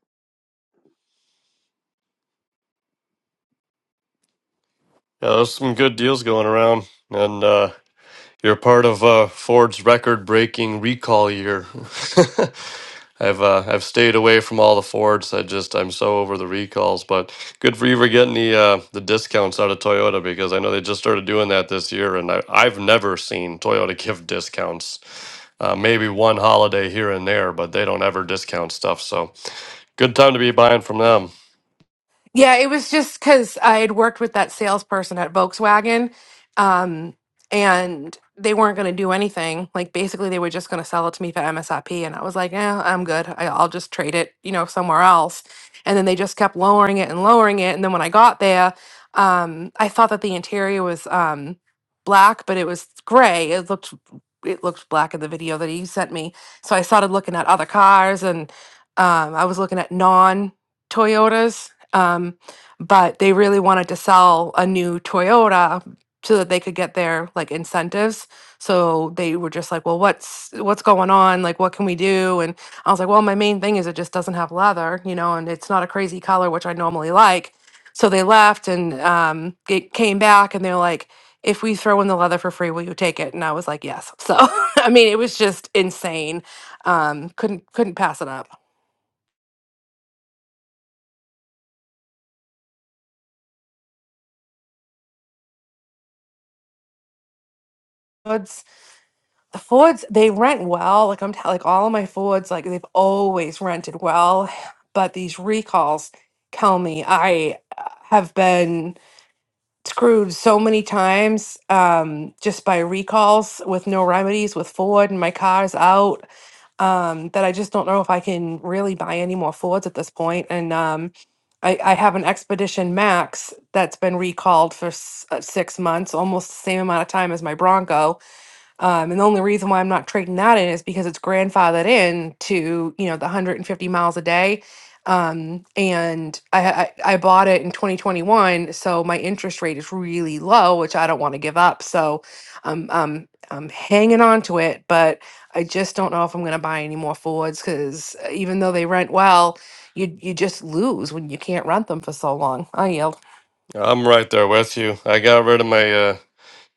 [SPEAKER 2] Yeah, there's some good deals going around, and uh, you're part of uh, Ford's record-breaking recall year. I've uh, I've stayed away from all the Fords. I just I'm so over the recalls. But good for you for getting the uh, the discounts out of Toyota because I know they just started doing that this year, and I, I've never seen Toyota give discounts. Uh, maybe one holiday here and there, but they don't ever discount stuff. So good time to be buying from them.
[SPEAKER 9] Yeah, it was just because I had worked with that salesperson at Volkswagen, um, and they weren't going to do anything. Like basically, they were just going to sell it to me for MSRP, and I was like, "Yeah, I'm good. I, I'll just trade it, you know, somewhere else." And then they just kept lowering it and lowering it, and then when I got there, um, I thought that the interior was um, black, but it was gray. It looked it looked black in the video that he sent me. So I started looking at other cars, and um, I was looking at non Toyotas um, but they really wanted to sell a new Toyota so that they could get their like incentives. So they were just like, "Well, what's what's going on? Like, what can we do?" And I was like, "Well, my main thing is it just doesn't have leather, you know, and it's not a crazy color, which I normally like." So they left, and um, it came back, and they're like. If we throw in the leather for free, will you take it? And I was like, yes. So, I mean, it was just insane. Um, couldn't couldn't pass it up. the Fords they rent well. Like I'm t- like all of my Fords, like they've always rented well, but these recalls tell me I uh, have been screwed so many times um, just by recalls with no remedies with Ford and my car's out um, that I just don't know if I can really buy any more Fords at this point. And um, I, I have an Expedition Max that's been recalled for s- uh, six months, almost the same amount of time as my Bronco um, and the only reason why I'm not trading that in is because it's grandfathered in to, you know, the 150 miles a day. Um, and I, ha- I, I bought it in 2021, so my interest rate is really low, which I don't want to give up. So I'm, um, I'm hanging on to it, but I just don't know if I'm going to buy any more Fords because even though they rent well, you, you just lose when you can't rent them for so long. I yield.
[SPEAKER 2] I'm right there with you. I got rid of my uh,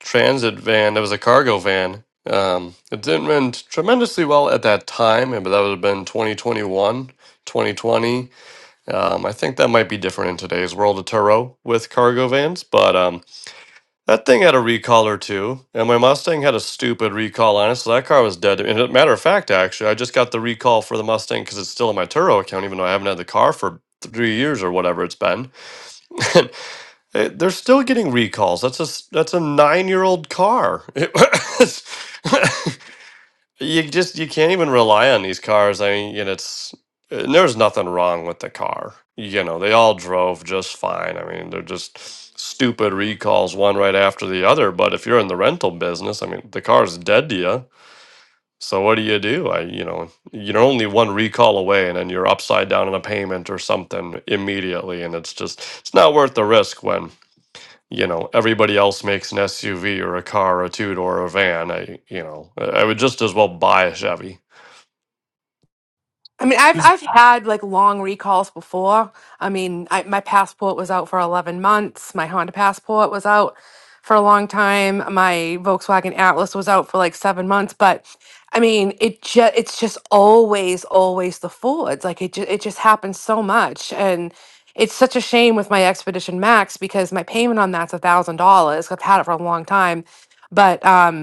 [SPEAKER 2] transit van. It was a cargo van. Um, it didn't run tremendously well at that time, but that would have been 2021, 2020. Um, I think that might be different in today's world of Turo with cargo vans, but um, that thing had a recall or two, and my Mustang had a stupid recall on it, so that car was dead. And as a matter of fact, actually, I just got the recall for the Mustang because it's still in my Turo account, even though I haven't had the car for three years or whatever it's been. Eh, They're still getting recalls. That's a s- that's a nine year old car. It was- you just you can't even rely on these cars. I mean, you know, it's and there's nothing wrong with the car. You know, they all drove just fine. I mean, they're just stupid recalls one right after the other. But if you're in the rental business, I mean, the car's dead to you. So what do you do? I you know you're only one recall away, and then you're upside down on a payment or something immediately, and it's just it's not worth the risk when you know everybody else makes an SUV or a car or a two door or a van I you know I would just as well buy a Chevy
[SPEAKER 9] I mean, I've I've had like long recalls before. I mean, I, my passport was out for 11 months. My Honda passport was out for a long time. My Volkswagen Atlas was out for like 7 months, but I mean, it just it's just always always the Fords. Like it just it just happens so much and it's such a shame with my Expedition Max because my payment on that's $1,000. I've had it for a long time. But um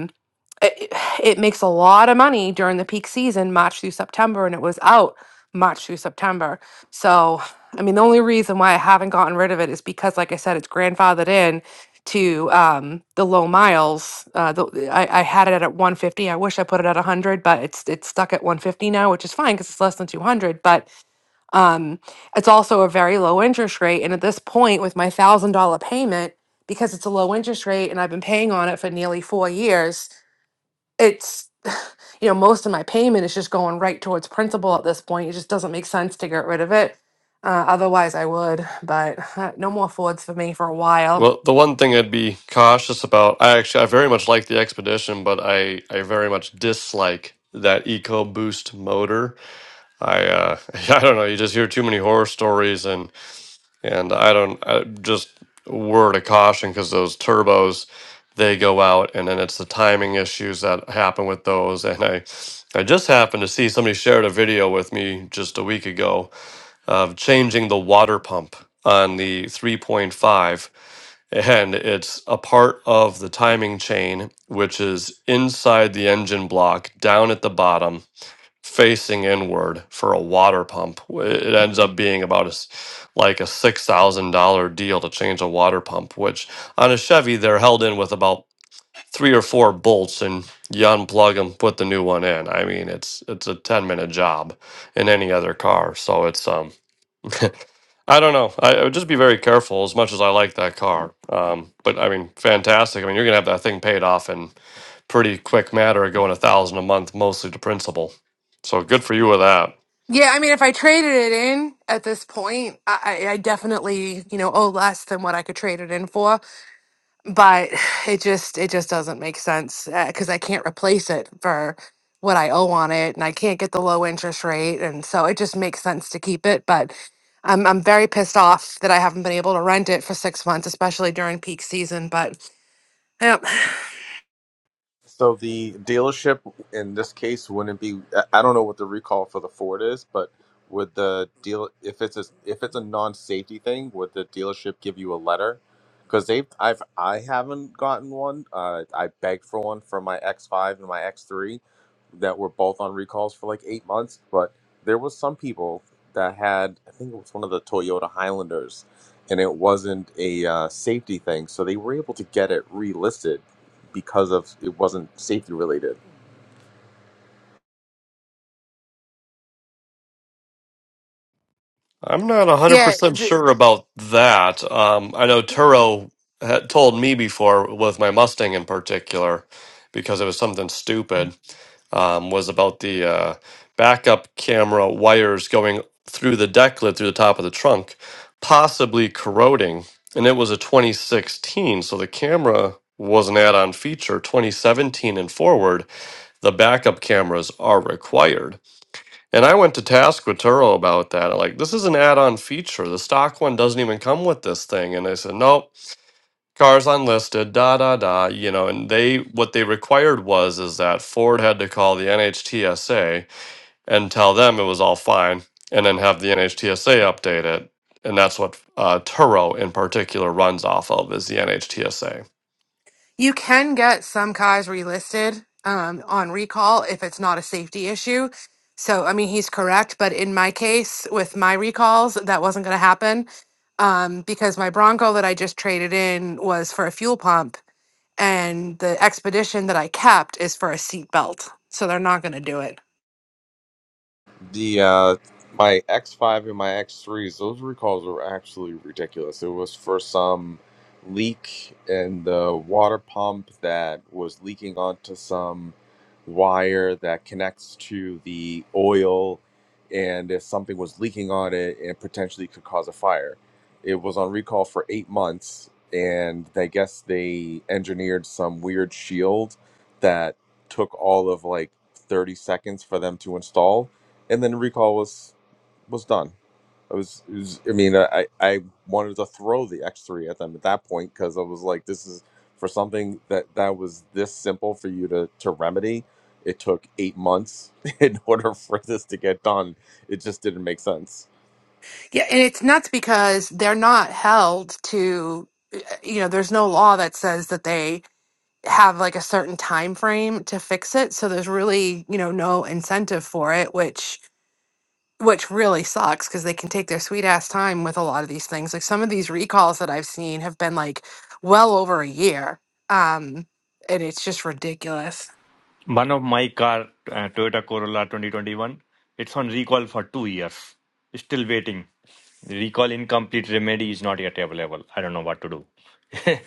[SPEAKER 9] it, it makes a lot of money during the peak season, March through September, and it was out March through September. So, I mean, the only reason why I haven't gotten rid of it is because, like I said, it's grandfathered in to um, the low miles. Uh, the, I, I had it at 150. I wish I put it at 100, but it's it's stuck at 150 now, which is fine because it's less than 200. But um, it's also a very low interest rate, and at this point, with my thousand dollar payment. Because it's a low interest rate and I've been paying on it for nearly four years, it's you know most of my payment is just going right towards principal at this point it just doesn't make sense to get rid of it uh, otherwise i would but uh, no more fords for me for a while
[SPEAKER 2] well the one thing I'd be cautious about I actually I very much like the Expedition but I I very much dislike that EcoBoost motor I uh I don't know you just hear too many horror stories and And I don't, I, just a word of caution because those turbos, they go out, and then it's the timing issues that happen with those. And I, I just happened to see somebody shared a video with me just a week ago of changing the water pump on the 3.5, and it's a part of the timing chain, which is inside the engine block down at the bottom facing inward for a water pump. It ends up being about as like a six thousand dollar deal to change a water pump, which on a Chevy they're held in with about three or four bolts, and you unplug them, put the new one in. I mean, it's it's a ten minute job in any other car. So it's um. I don't know. I, I would just be very careful. As much as I like that car, um, but I mean, fantastic. I mean, you're gonna have that thing paid off in pretty quick matter, going a thousand a month, mostly to principal. So good for you with that.
[SPEAKER 9] yeah i mean if i traded it in at this point i, I I definitely you know owe less than what i could trade it in for but it just it just doesn't make sense because I can't replace it for what I owe on it, and I can't get the low interest rate, and so it just makes sense to keep it. But I'm I'm very pissed off that I haven't been able to rent it for six months, especially during peak season. But yeah,
[SPEAKER 5] So the dealership in this case wouldn't be. I I don't know what the recall for the Ford is, but would the deal if it's a if it's a non-safety thing, would the dealership give you a letter? Because they've I've I haven't gotten one. Uh, I begged for one for my X5 and my X3 that were both on recalls for like eight months, but there was some people that had I think it was one of the Toyota Highlanders, and it wasn't a uh, safety thing, so they were able to get it relisted because of it wasn't safety related.
[SPEAKER 2] I'm not
[SPEAKER 9] yeah,
[SPEAKER 2] 100% sure about that. Um, I know Turo had told me before, with my Mustang in particular, because it was something stupid, um, was about the uh, backup camera wires going through the deck lid through the top of the trunk, possibly corroding. And it was a 2016, so the camera was an add on feature. 2017 and forward, the backup cameras are required. And I went to task with Turo about that. I'm Like, this is an add-on feature. The stock one doesn't even come with this thing. And they said, nope, cars unlisted, da da da. You know, and they what they required was is that Ford had to call the NHTSA and tell them it was all fine, and then have the NHTSA update it. And that's what uh, Turo in particular runs off of is the NHTSA.
[SPEAKER 9] You can get some Kais relisted um, on recall if it's not a safety issue. So, I mean, he's correct, but in my case, with my recalls, that wasn't going to happen um, because my Bronco that I just traded in was for a fuel pump, and the Expedition that I kept is for a seat belt. So they're not going to do it.
[SPEAKER 5] the uh my X5 and my X3s, those recalls were actually ridiculous. It was for some leak in the water pump that was leaking onto some wire that connects to the oil, and if something was leaking on it, it potentially could cause a fire. It was on recall for eight months, and I guess they engineered some weird shield that took all of like 30 seconds for them to install and then recall was was done. I was, it was I mean, I I wanted to throw the X3 at them at that point because I was like, this is for something that that was this simple for you to to remedy. It took eight months in order for this to get done. It just didn't make sense.
[SPEAKER 9] Yeah, and it's nuts because they're not held to, eh, you know, there's no law that says that they have like a certain time frame to fix it so there's really you know no incentive for it which which really sucks because they can take their sweet ass time with a lot of these things like some of these recalls that i've seen have been like well over a year um and it's just ridiculous
[SPEAKER 11] One of my car, uh, Toyota Corolla 2021, it's on recall for two years. Still waiting. The recall incomplete remedy is not yet available. I don't know what to do.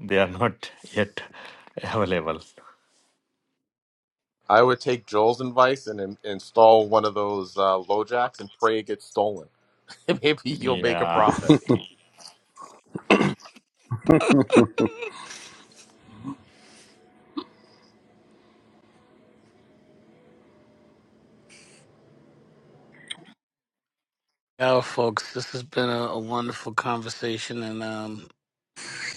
[SPEAKER 11] they are not yet available.
[SPEAKER 5] I would take Joel's advice and in, install one of those uh, low jacks and pray it gets stolen. Maybe you'll make a
[SPEAKER 11] Yeah.
[SPEAKER 5] profit.
[SPEAKER 1] Yeah, folks, this has been a, a wonderful conversation, and um,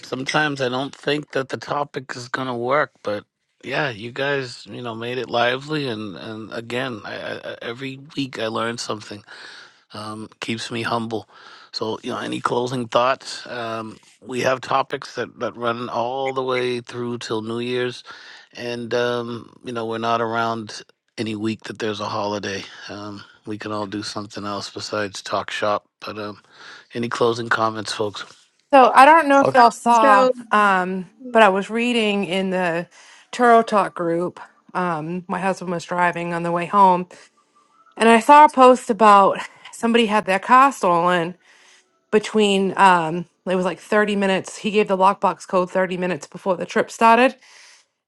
[SPEAKER 1] sometimes I don't think that the topic is going to work, but yeah, you guys, you know, made it lively, and and again, I, I, I- every week I learned something um, keeps me humble. So, you know, any closing thoughts? Um, we have topics that, that run all the way through till New Year's, and um, you know, we're not around any week that there's a holiday. Um, we can all do something else besides talk shop. But um, any closing comments, folks?
[SPEAKER 9] so i don't know if
[SPEAKER 2] Uh,
[SPEAKER 9] y'all saw
[SPEAKER 10] So
[SPEAKER 9] um but
[SPEAKER 10] that
[SPEAKER 9] i was reading in the turo talk group um my husband was driving on the way home and i saw a post about somebody had their car stolen between um it was like 30 minutes he gave the lockbox code 30 minutes before the trip started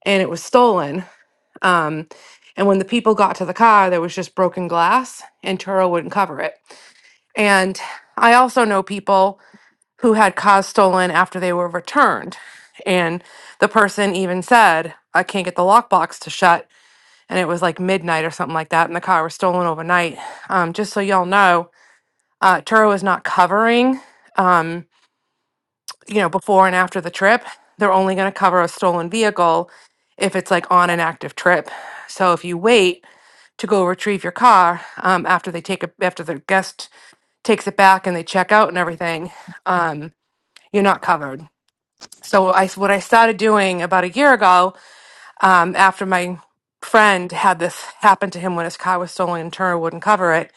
[SPEAKER 9] and it was stolen um and when the people got to the car there was just broken glass and turo wouldn't cover it and i also know people who had cars stolen after they were returned and the person even said i can't get the lockbox to shut and it was like midnight or something like that and the car was stolen overnight um, just so y'all know uh, turo is not covering um, you know, before and after the trip, they're only going to cover a stolen vehicle if it's like on an active trip. So if you wait to go retrieve your car um, after they take it, after the guest takes it back and they check out and everything, um, you're not covered. So I, s- what I started doing about a year ago, um, after my friend had this happen to him when his car was stolen and Turner wouldn't cover it,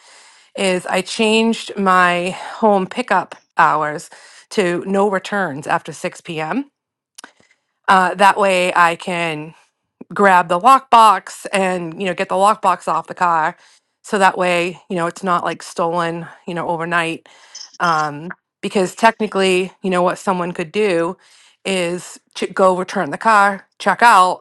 [SPEAKER 9] is I changed my home pickup hours to no returns after 6 p.m uh, that way I can grab the lockbox and, you know, get the lockbox off the car. So that way, you know, it's not like stolen, you know, overnight. Um, because technically, you know, what someone could do is ch- go return the car, check out,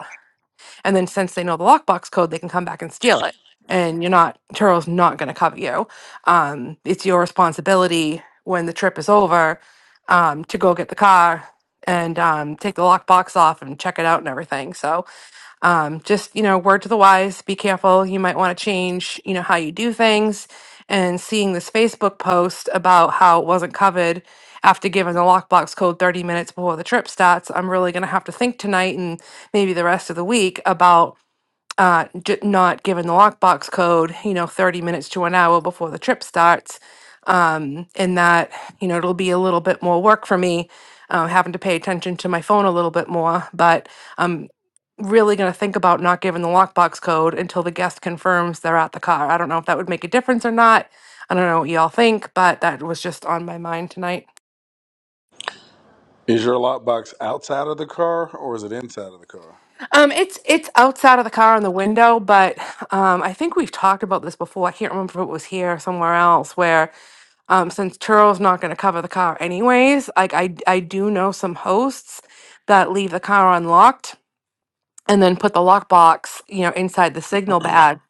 [SPEAKER 9] and then since they know the lockbox code, they can come back and steal it. And you're not Turo's not going to cover you. Um, it's your responsibility when the trip is over um, to go get the car and um, take the lockbox off and check it out and everything. So um, just, you know, word to the wise, be careful. You might want to change, you know, how you do things. And seeing this Facebook post about how it wasn't covered after giving the lockbox code 30 minutes before the trip starts, I'm really going to have to think tonight and maybe the rest of the week about uh, j- not given the lockbox code, you know, 30 minutes to an hour before the trip starts. Um, and that, you know, it'll be a little bit more work for me, uh, having to pay attention to my phone a little bit more. But I'm really going to think about not giving the lockbox code until the guest confirms they're at the car. I don't know if that would make a difference or not. I don't know what y'all think, but that was just on my mind tonight.
[SPEAKER 6] Is your lockbox outside of the car or is it inside of the car?
[SPEAKER 9] Um, it's it's outside of the car on the window, but um, I think we've talked about this before. I can't remember if it was here or somewhere else where um, since Turo's not going to cover the car anyways, like I, I do know some hosts that leave the car unlocked and then put the lockbox, you know, inside the signal bag,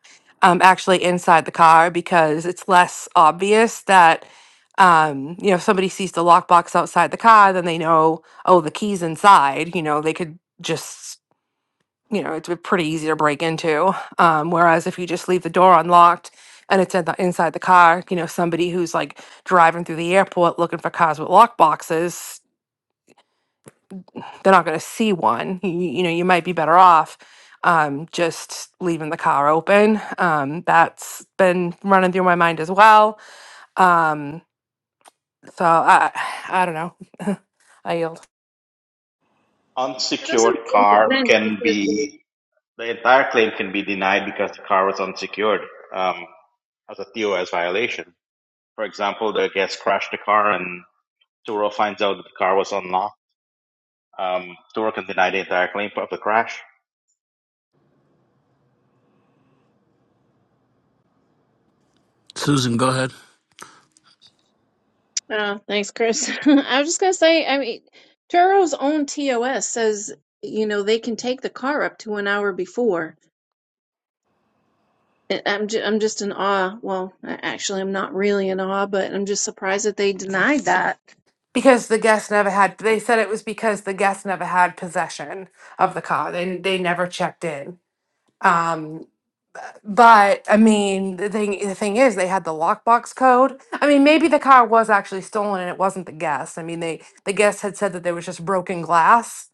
[SPEAKER 9] um, actually inside the car because it's less obvious that, um, you know, if somebody sees the lockbox outside the car, then they know, oh, the key's inside. You know, they could just you know, it's pretty easy to break into. Um, whereas if you just leave the door unlocked and it's in the, inside the car, you know, somebody who's like driving through the airport looking for cars with lock boxes, they're not going to see one. You, you know, you might be better off um, just leaving the car open. Um, that's been running through my mind as well. Um, so I, I don't know. I yield.
[SPEAKER 10] doesn't
[SPEAKER 4] Unsecured
[SPEAKER 10] really make
[SPEAKER 4] car
[SPEAKER 10] any sense
[SPEAKER 4] can
[SPEAKER 10] because
[SPEAKER 4] be the entire claim can be denied because the car was unsecured um, as a TOS violation. For example, the guest crashed the car and Turo finds out that the car was unlocked. Um, Turo can deny the entire claim of the crash,
[SPEAKER 1] Susan, go ahead.
[SPEAKER 10] oh, thanks, Chris. I was just gonna say, I mean, Turo's own TOS says you know they can take the car up to an hour before. I- I'm ju- I'm just in awe. Well, I- actually, I'm not really in awe, but I'm just surprised that they denied that.
[SPEAKER 9] Because the guests never had, they said it was because the guests never had possession of the car. They, they never checked in. Um, but I mean, the thing the thing is, they had the lockbox code. I mean, maybe the car was actually stolen and it wasn't the guest. I mean, they the guest had said that there was just broken glass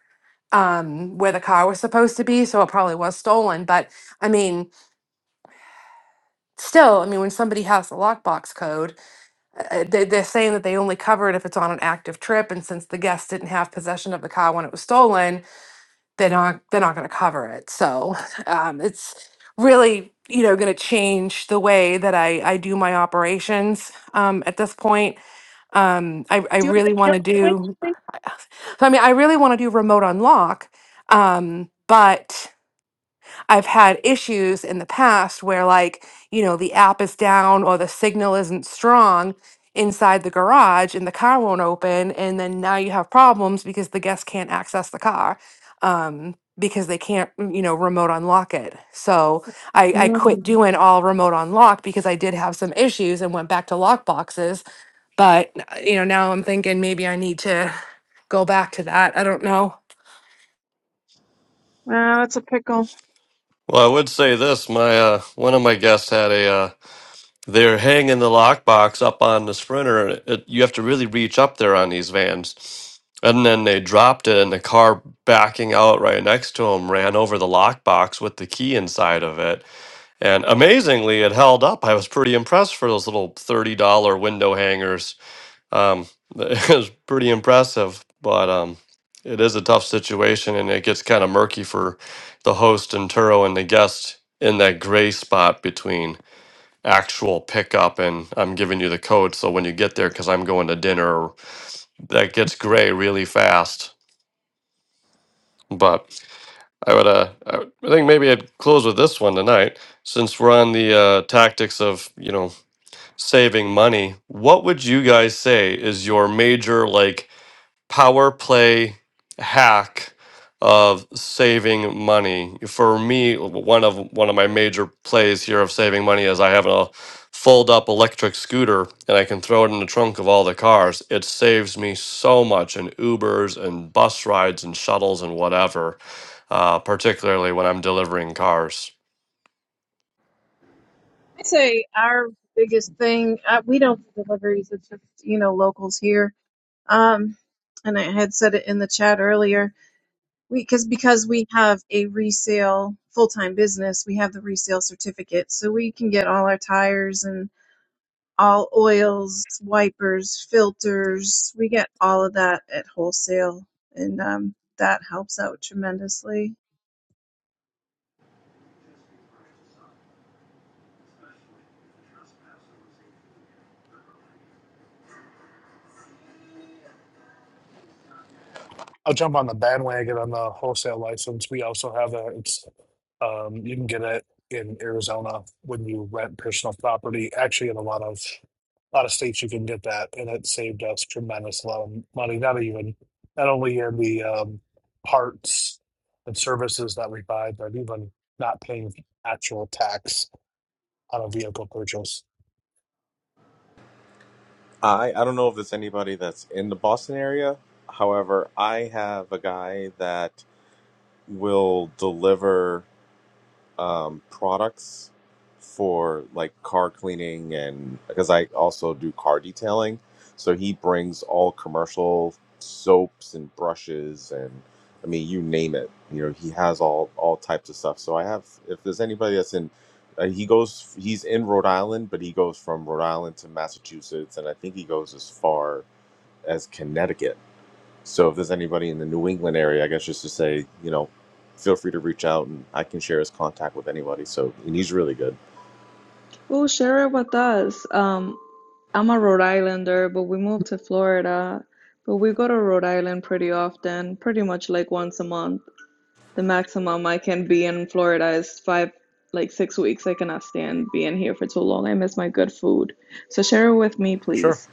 [SPEAKER 9] um where the car was supposed to be, so it probably was stolen. But I mean, still, I mean, when somebody has the lockbox code, uh, they, they're saying that they only cover it if it's on an active trip, and since the guest didn't have possession of the car when it was stolen, they're not they're not going to cover it so um, it's really you know going to change the way that i i do my operations um, at this point um, i, I
[SPEAKER 10] Do you want
[SPEAKER 9] really
[SPEAKER 10] to
[SPEAKER 9] want
[SPEAKER 10] kill
[SPEAKER 9] to
[SPEAKER 10] the witch?
[SPEAKER 9] do
[SPEAKER 10] please?
[SPEAKER 9] so i mean i really want to do remote unlock um, but I've had issues in the past where, like, you know, the app is down or the signal isn't strong inside the garage and the car won't open. And then now you have problems because the guests can't access the car um, because they can't, mm, you know, remote unlock it. So I, I quit
[SPEAKER 10] Mm.
[SPEAKER 9] doing all remote unlock because I did have some issues and went back to lock boxes. But, uh, you know, now I'm thinking maybe I need to go back to that. I don't know.
[SPEAKER 10] Wow, that's a pickle.
[SPEAKER 2] Well, I would say this: my uh, one of my guests had a uh, They're hanging the lockbox up on the sprinter. and It, you have to really reach up there on these vans. And then they dropped it, and the car backing out right next to him ran over the lockbox with the key inside of it. And amazingly, it held up. I was pretty impressed for those little $30 window hangers. Um, it was pretty impressive, but um, it is a tough situation, and it gets kind of murky for the host and Turo and the guest in that gray spot between actual pickup and I'm giving you the code so when you get there cuz I'm going to dinner that gets gray really fast but I would uh I would- I think maybe I'd close with this one tonight since we're on the uh tactics of you know saving money what would you guys say is your major like power play hack of saving money. For me, one of one of my major plays here of saving money is I have a fold up electric scooter and I can throw it in the trunk of all the cars. It saves me so much in Ubers and bus rides and shuttles and whatever, uh, particularly when I'm delivering cars.
[SPEAKER 10] I say our biggest thing, uh, we don't do deliveries. It's just, you know, locals here. Um, and I had said it in the chat earlier. We because because we have a resale full time business, we have the resale certificate, so we can get all our tires and all oils, wipers, filters. We get all of that at wholesale, and um, that helps out tremendously.
[SPEAKER 8] I'll jump on the bandwagon on the wholesale license. We also have a it's um you can get it in Arizona when you rent personal property. Actually in a lot of a lot of states you can get that and it saved us tremendous amount of money, not even not only in the um parts and services that we buy, but even not paying actual tax on a vehicle purchase.
[SPEAKER 5] I I don't know if there's anybody that's in the Boston area. However, I have a guy that will deliver um, products for like car cleaning and because I also do car detailing. So he brings all commercial soaps and brushes and I mean you name it. You know he has all all types of stuff. So I have if there's anybody that's in uh, he goes he's in Rhode Island, but he goes from Rhode Island to Massachusetts and I think he goes as far as Connecticut. So if there's anybody in the New England area, I guess just to say, you know, feel free to reach out and I can share his contact with anybody. So and he's really good.
[SPEAKER 12] Well, share it with us. Um, I'm a Rhode Islander, but we moved to Florida. But we go to Rhode Island pretty often, pretty much like once a month. The maximum I can be in Florida is five, like six weeks. I cannot stand being here for too long. I miss my good food. So share it with me,
[SPEAKER 5] Sure.
[SPEAKER 12] please.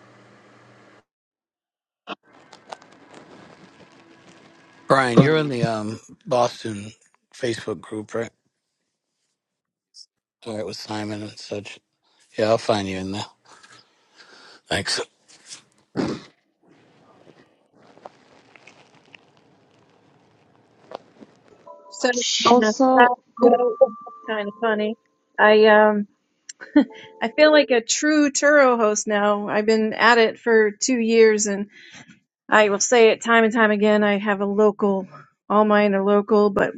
[SPEAKER 1] Brian, you're in
[SPEAKER 13] Bye.
[SPEAKER 1] the um, Boston Facebook group, right? All right, with Simon and such. Yeah, I'll find you in there. Thanks.
[SPEAKER 10] So kind of
[SPEAKER 12] Also, oop,
[SPEAKER 10] kind of funny. I um I feel like a true Turo host now. I've been at it for two years and I will say it time and time again. I have a local, all mine are local, but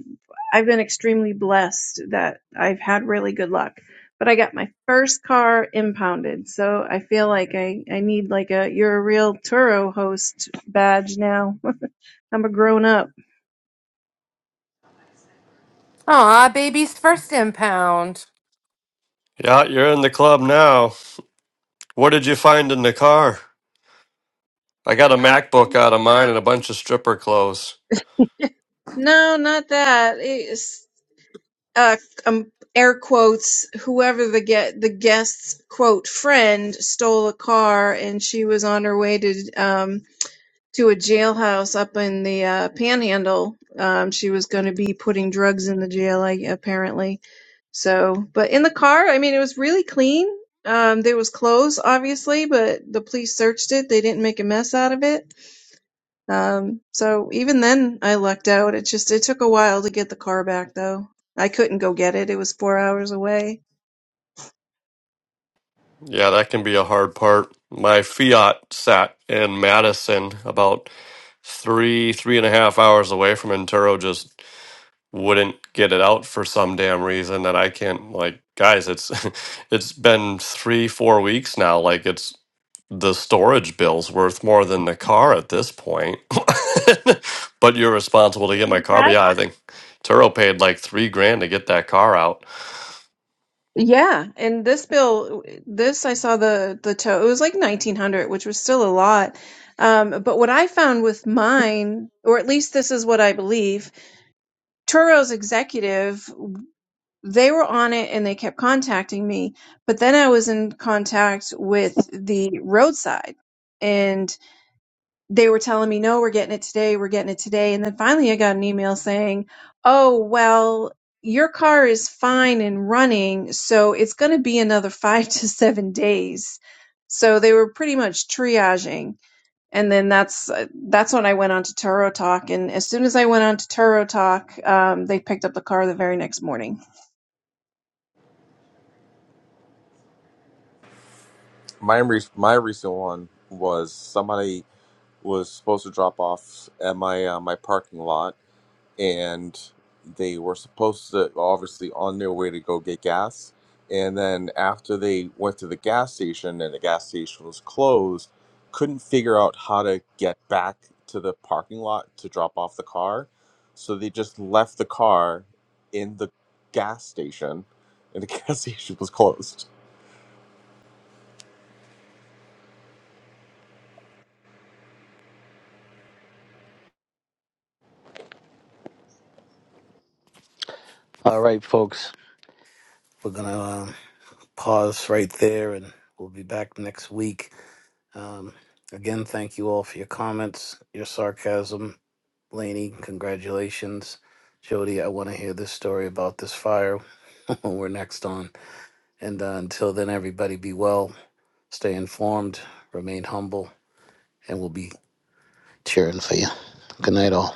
[SPEAKER 10] I've been extremely blessed that I've had really good luck. But I got my first car impounded, so I feel like I, I need like a you're a real Turo host badge now. I'm a grown up.
[SPEAKER 9] Aw, baby's first impound.
[SPEAKER 2] Yeah, you're in the club now. What did you find in the car? I got a
[SPEAKER 10] Uh,
[SPEAKER 2] MacBook out of mine and a bunch of stripper clothes.
[SPEAKER 10] no, not that. It's uh, um, air quotes. Whoever the get the guest's quote friend stole a car, and she was on her way to um to a jailhouse up in the uh, Panhandle. Um, she was going to be putting drugs in the jail, I, apparently. So, but in the car, I mean, it was really clean. Um, there was clothes, obviously, but the police searched it. They didn't make a mess out of it. Um, so even then, I lucked out. It just it took a while to get the car back, though. I couldn't go get it. It was four hours away.
[SPEAKER 2] Yeah, that can be a hard part. My Fiat sat in Madison about three, three and a half hours away from Antero, just wouldn't get it out for some damn reason that I can't like guys, it's it's been three, four weeks now. Like it's the storage bill's worth more than the car at this point. but you're responsible to get my car. But
[SPEAKER 10] That
[SPEAKER 2] yeah, I think Turo paid like three grand to get that car out.
[SPEAKER 10] Yeah, and this bill, this I saw the the tow. It was like 1900, which was still a lot. Um, but what I found with mine, or at least this is what I believe. Turo's executive, they were on it and they kept contacting me. But then I was in contact with the roadside and they were telling me, no, we're getting it today. We're getting it today. And then finally I got an email saying, oh, well, your car is fine and running. So it's going to be another five to seven days. So they were pretty much triaging and then that's uh, that's when I went on to Turo Talk. And as soon as I went on to Turo Talk, um, they picked up the car the very next morning.
[SPEAKER 5] My re- my recent one was somebody was supposed to drop off at my uh, my parking lot and they were supposed to obviously on their way to go get gas and then after they went to the gas station and the gas station was closed couldn't figure out how to get back to the parking lot to drop off the car so they just left the car in the gas station and the gas station was closed
[SPEAKER 1] All right, folks. We're gonna. pause right there and we'll be back next week. Um, again, thank you all for your comments, your sarcasm. Laney, congratulations. Jody, I want to hear this story about this fire when we're next on. And uh, until then, everybody be well, stay informed, remain humble, and we'll be cheering for you. Good night, all.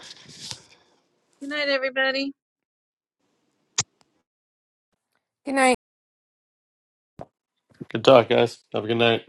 [SPEAKER 10] Good night, everybody.
[SPEAKER 9] Good night.
[SPEAKER 2] Good talk, guys. Have a good night.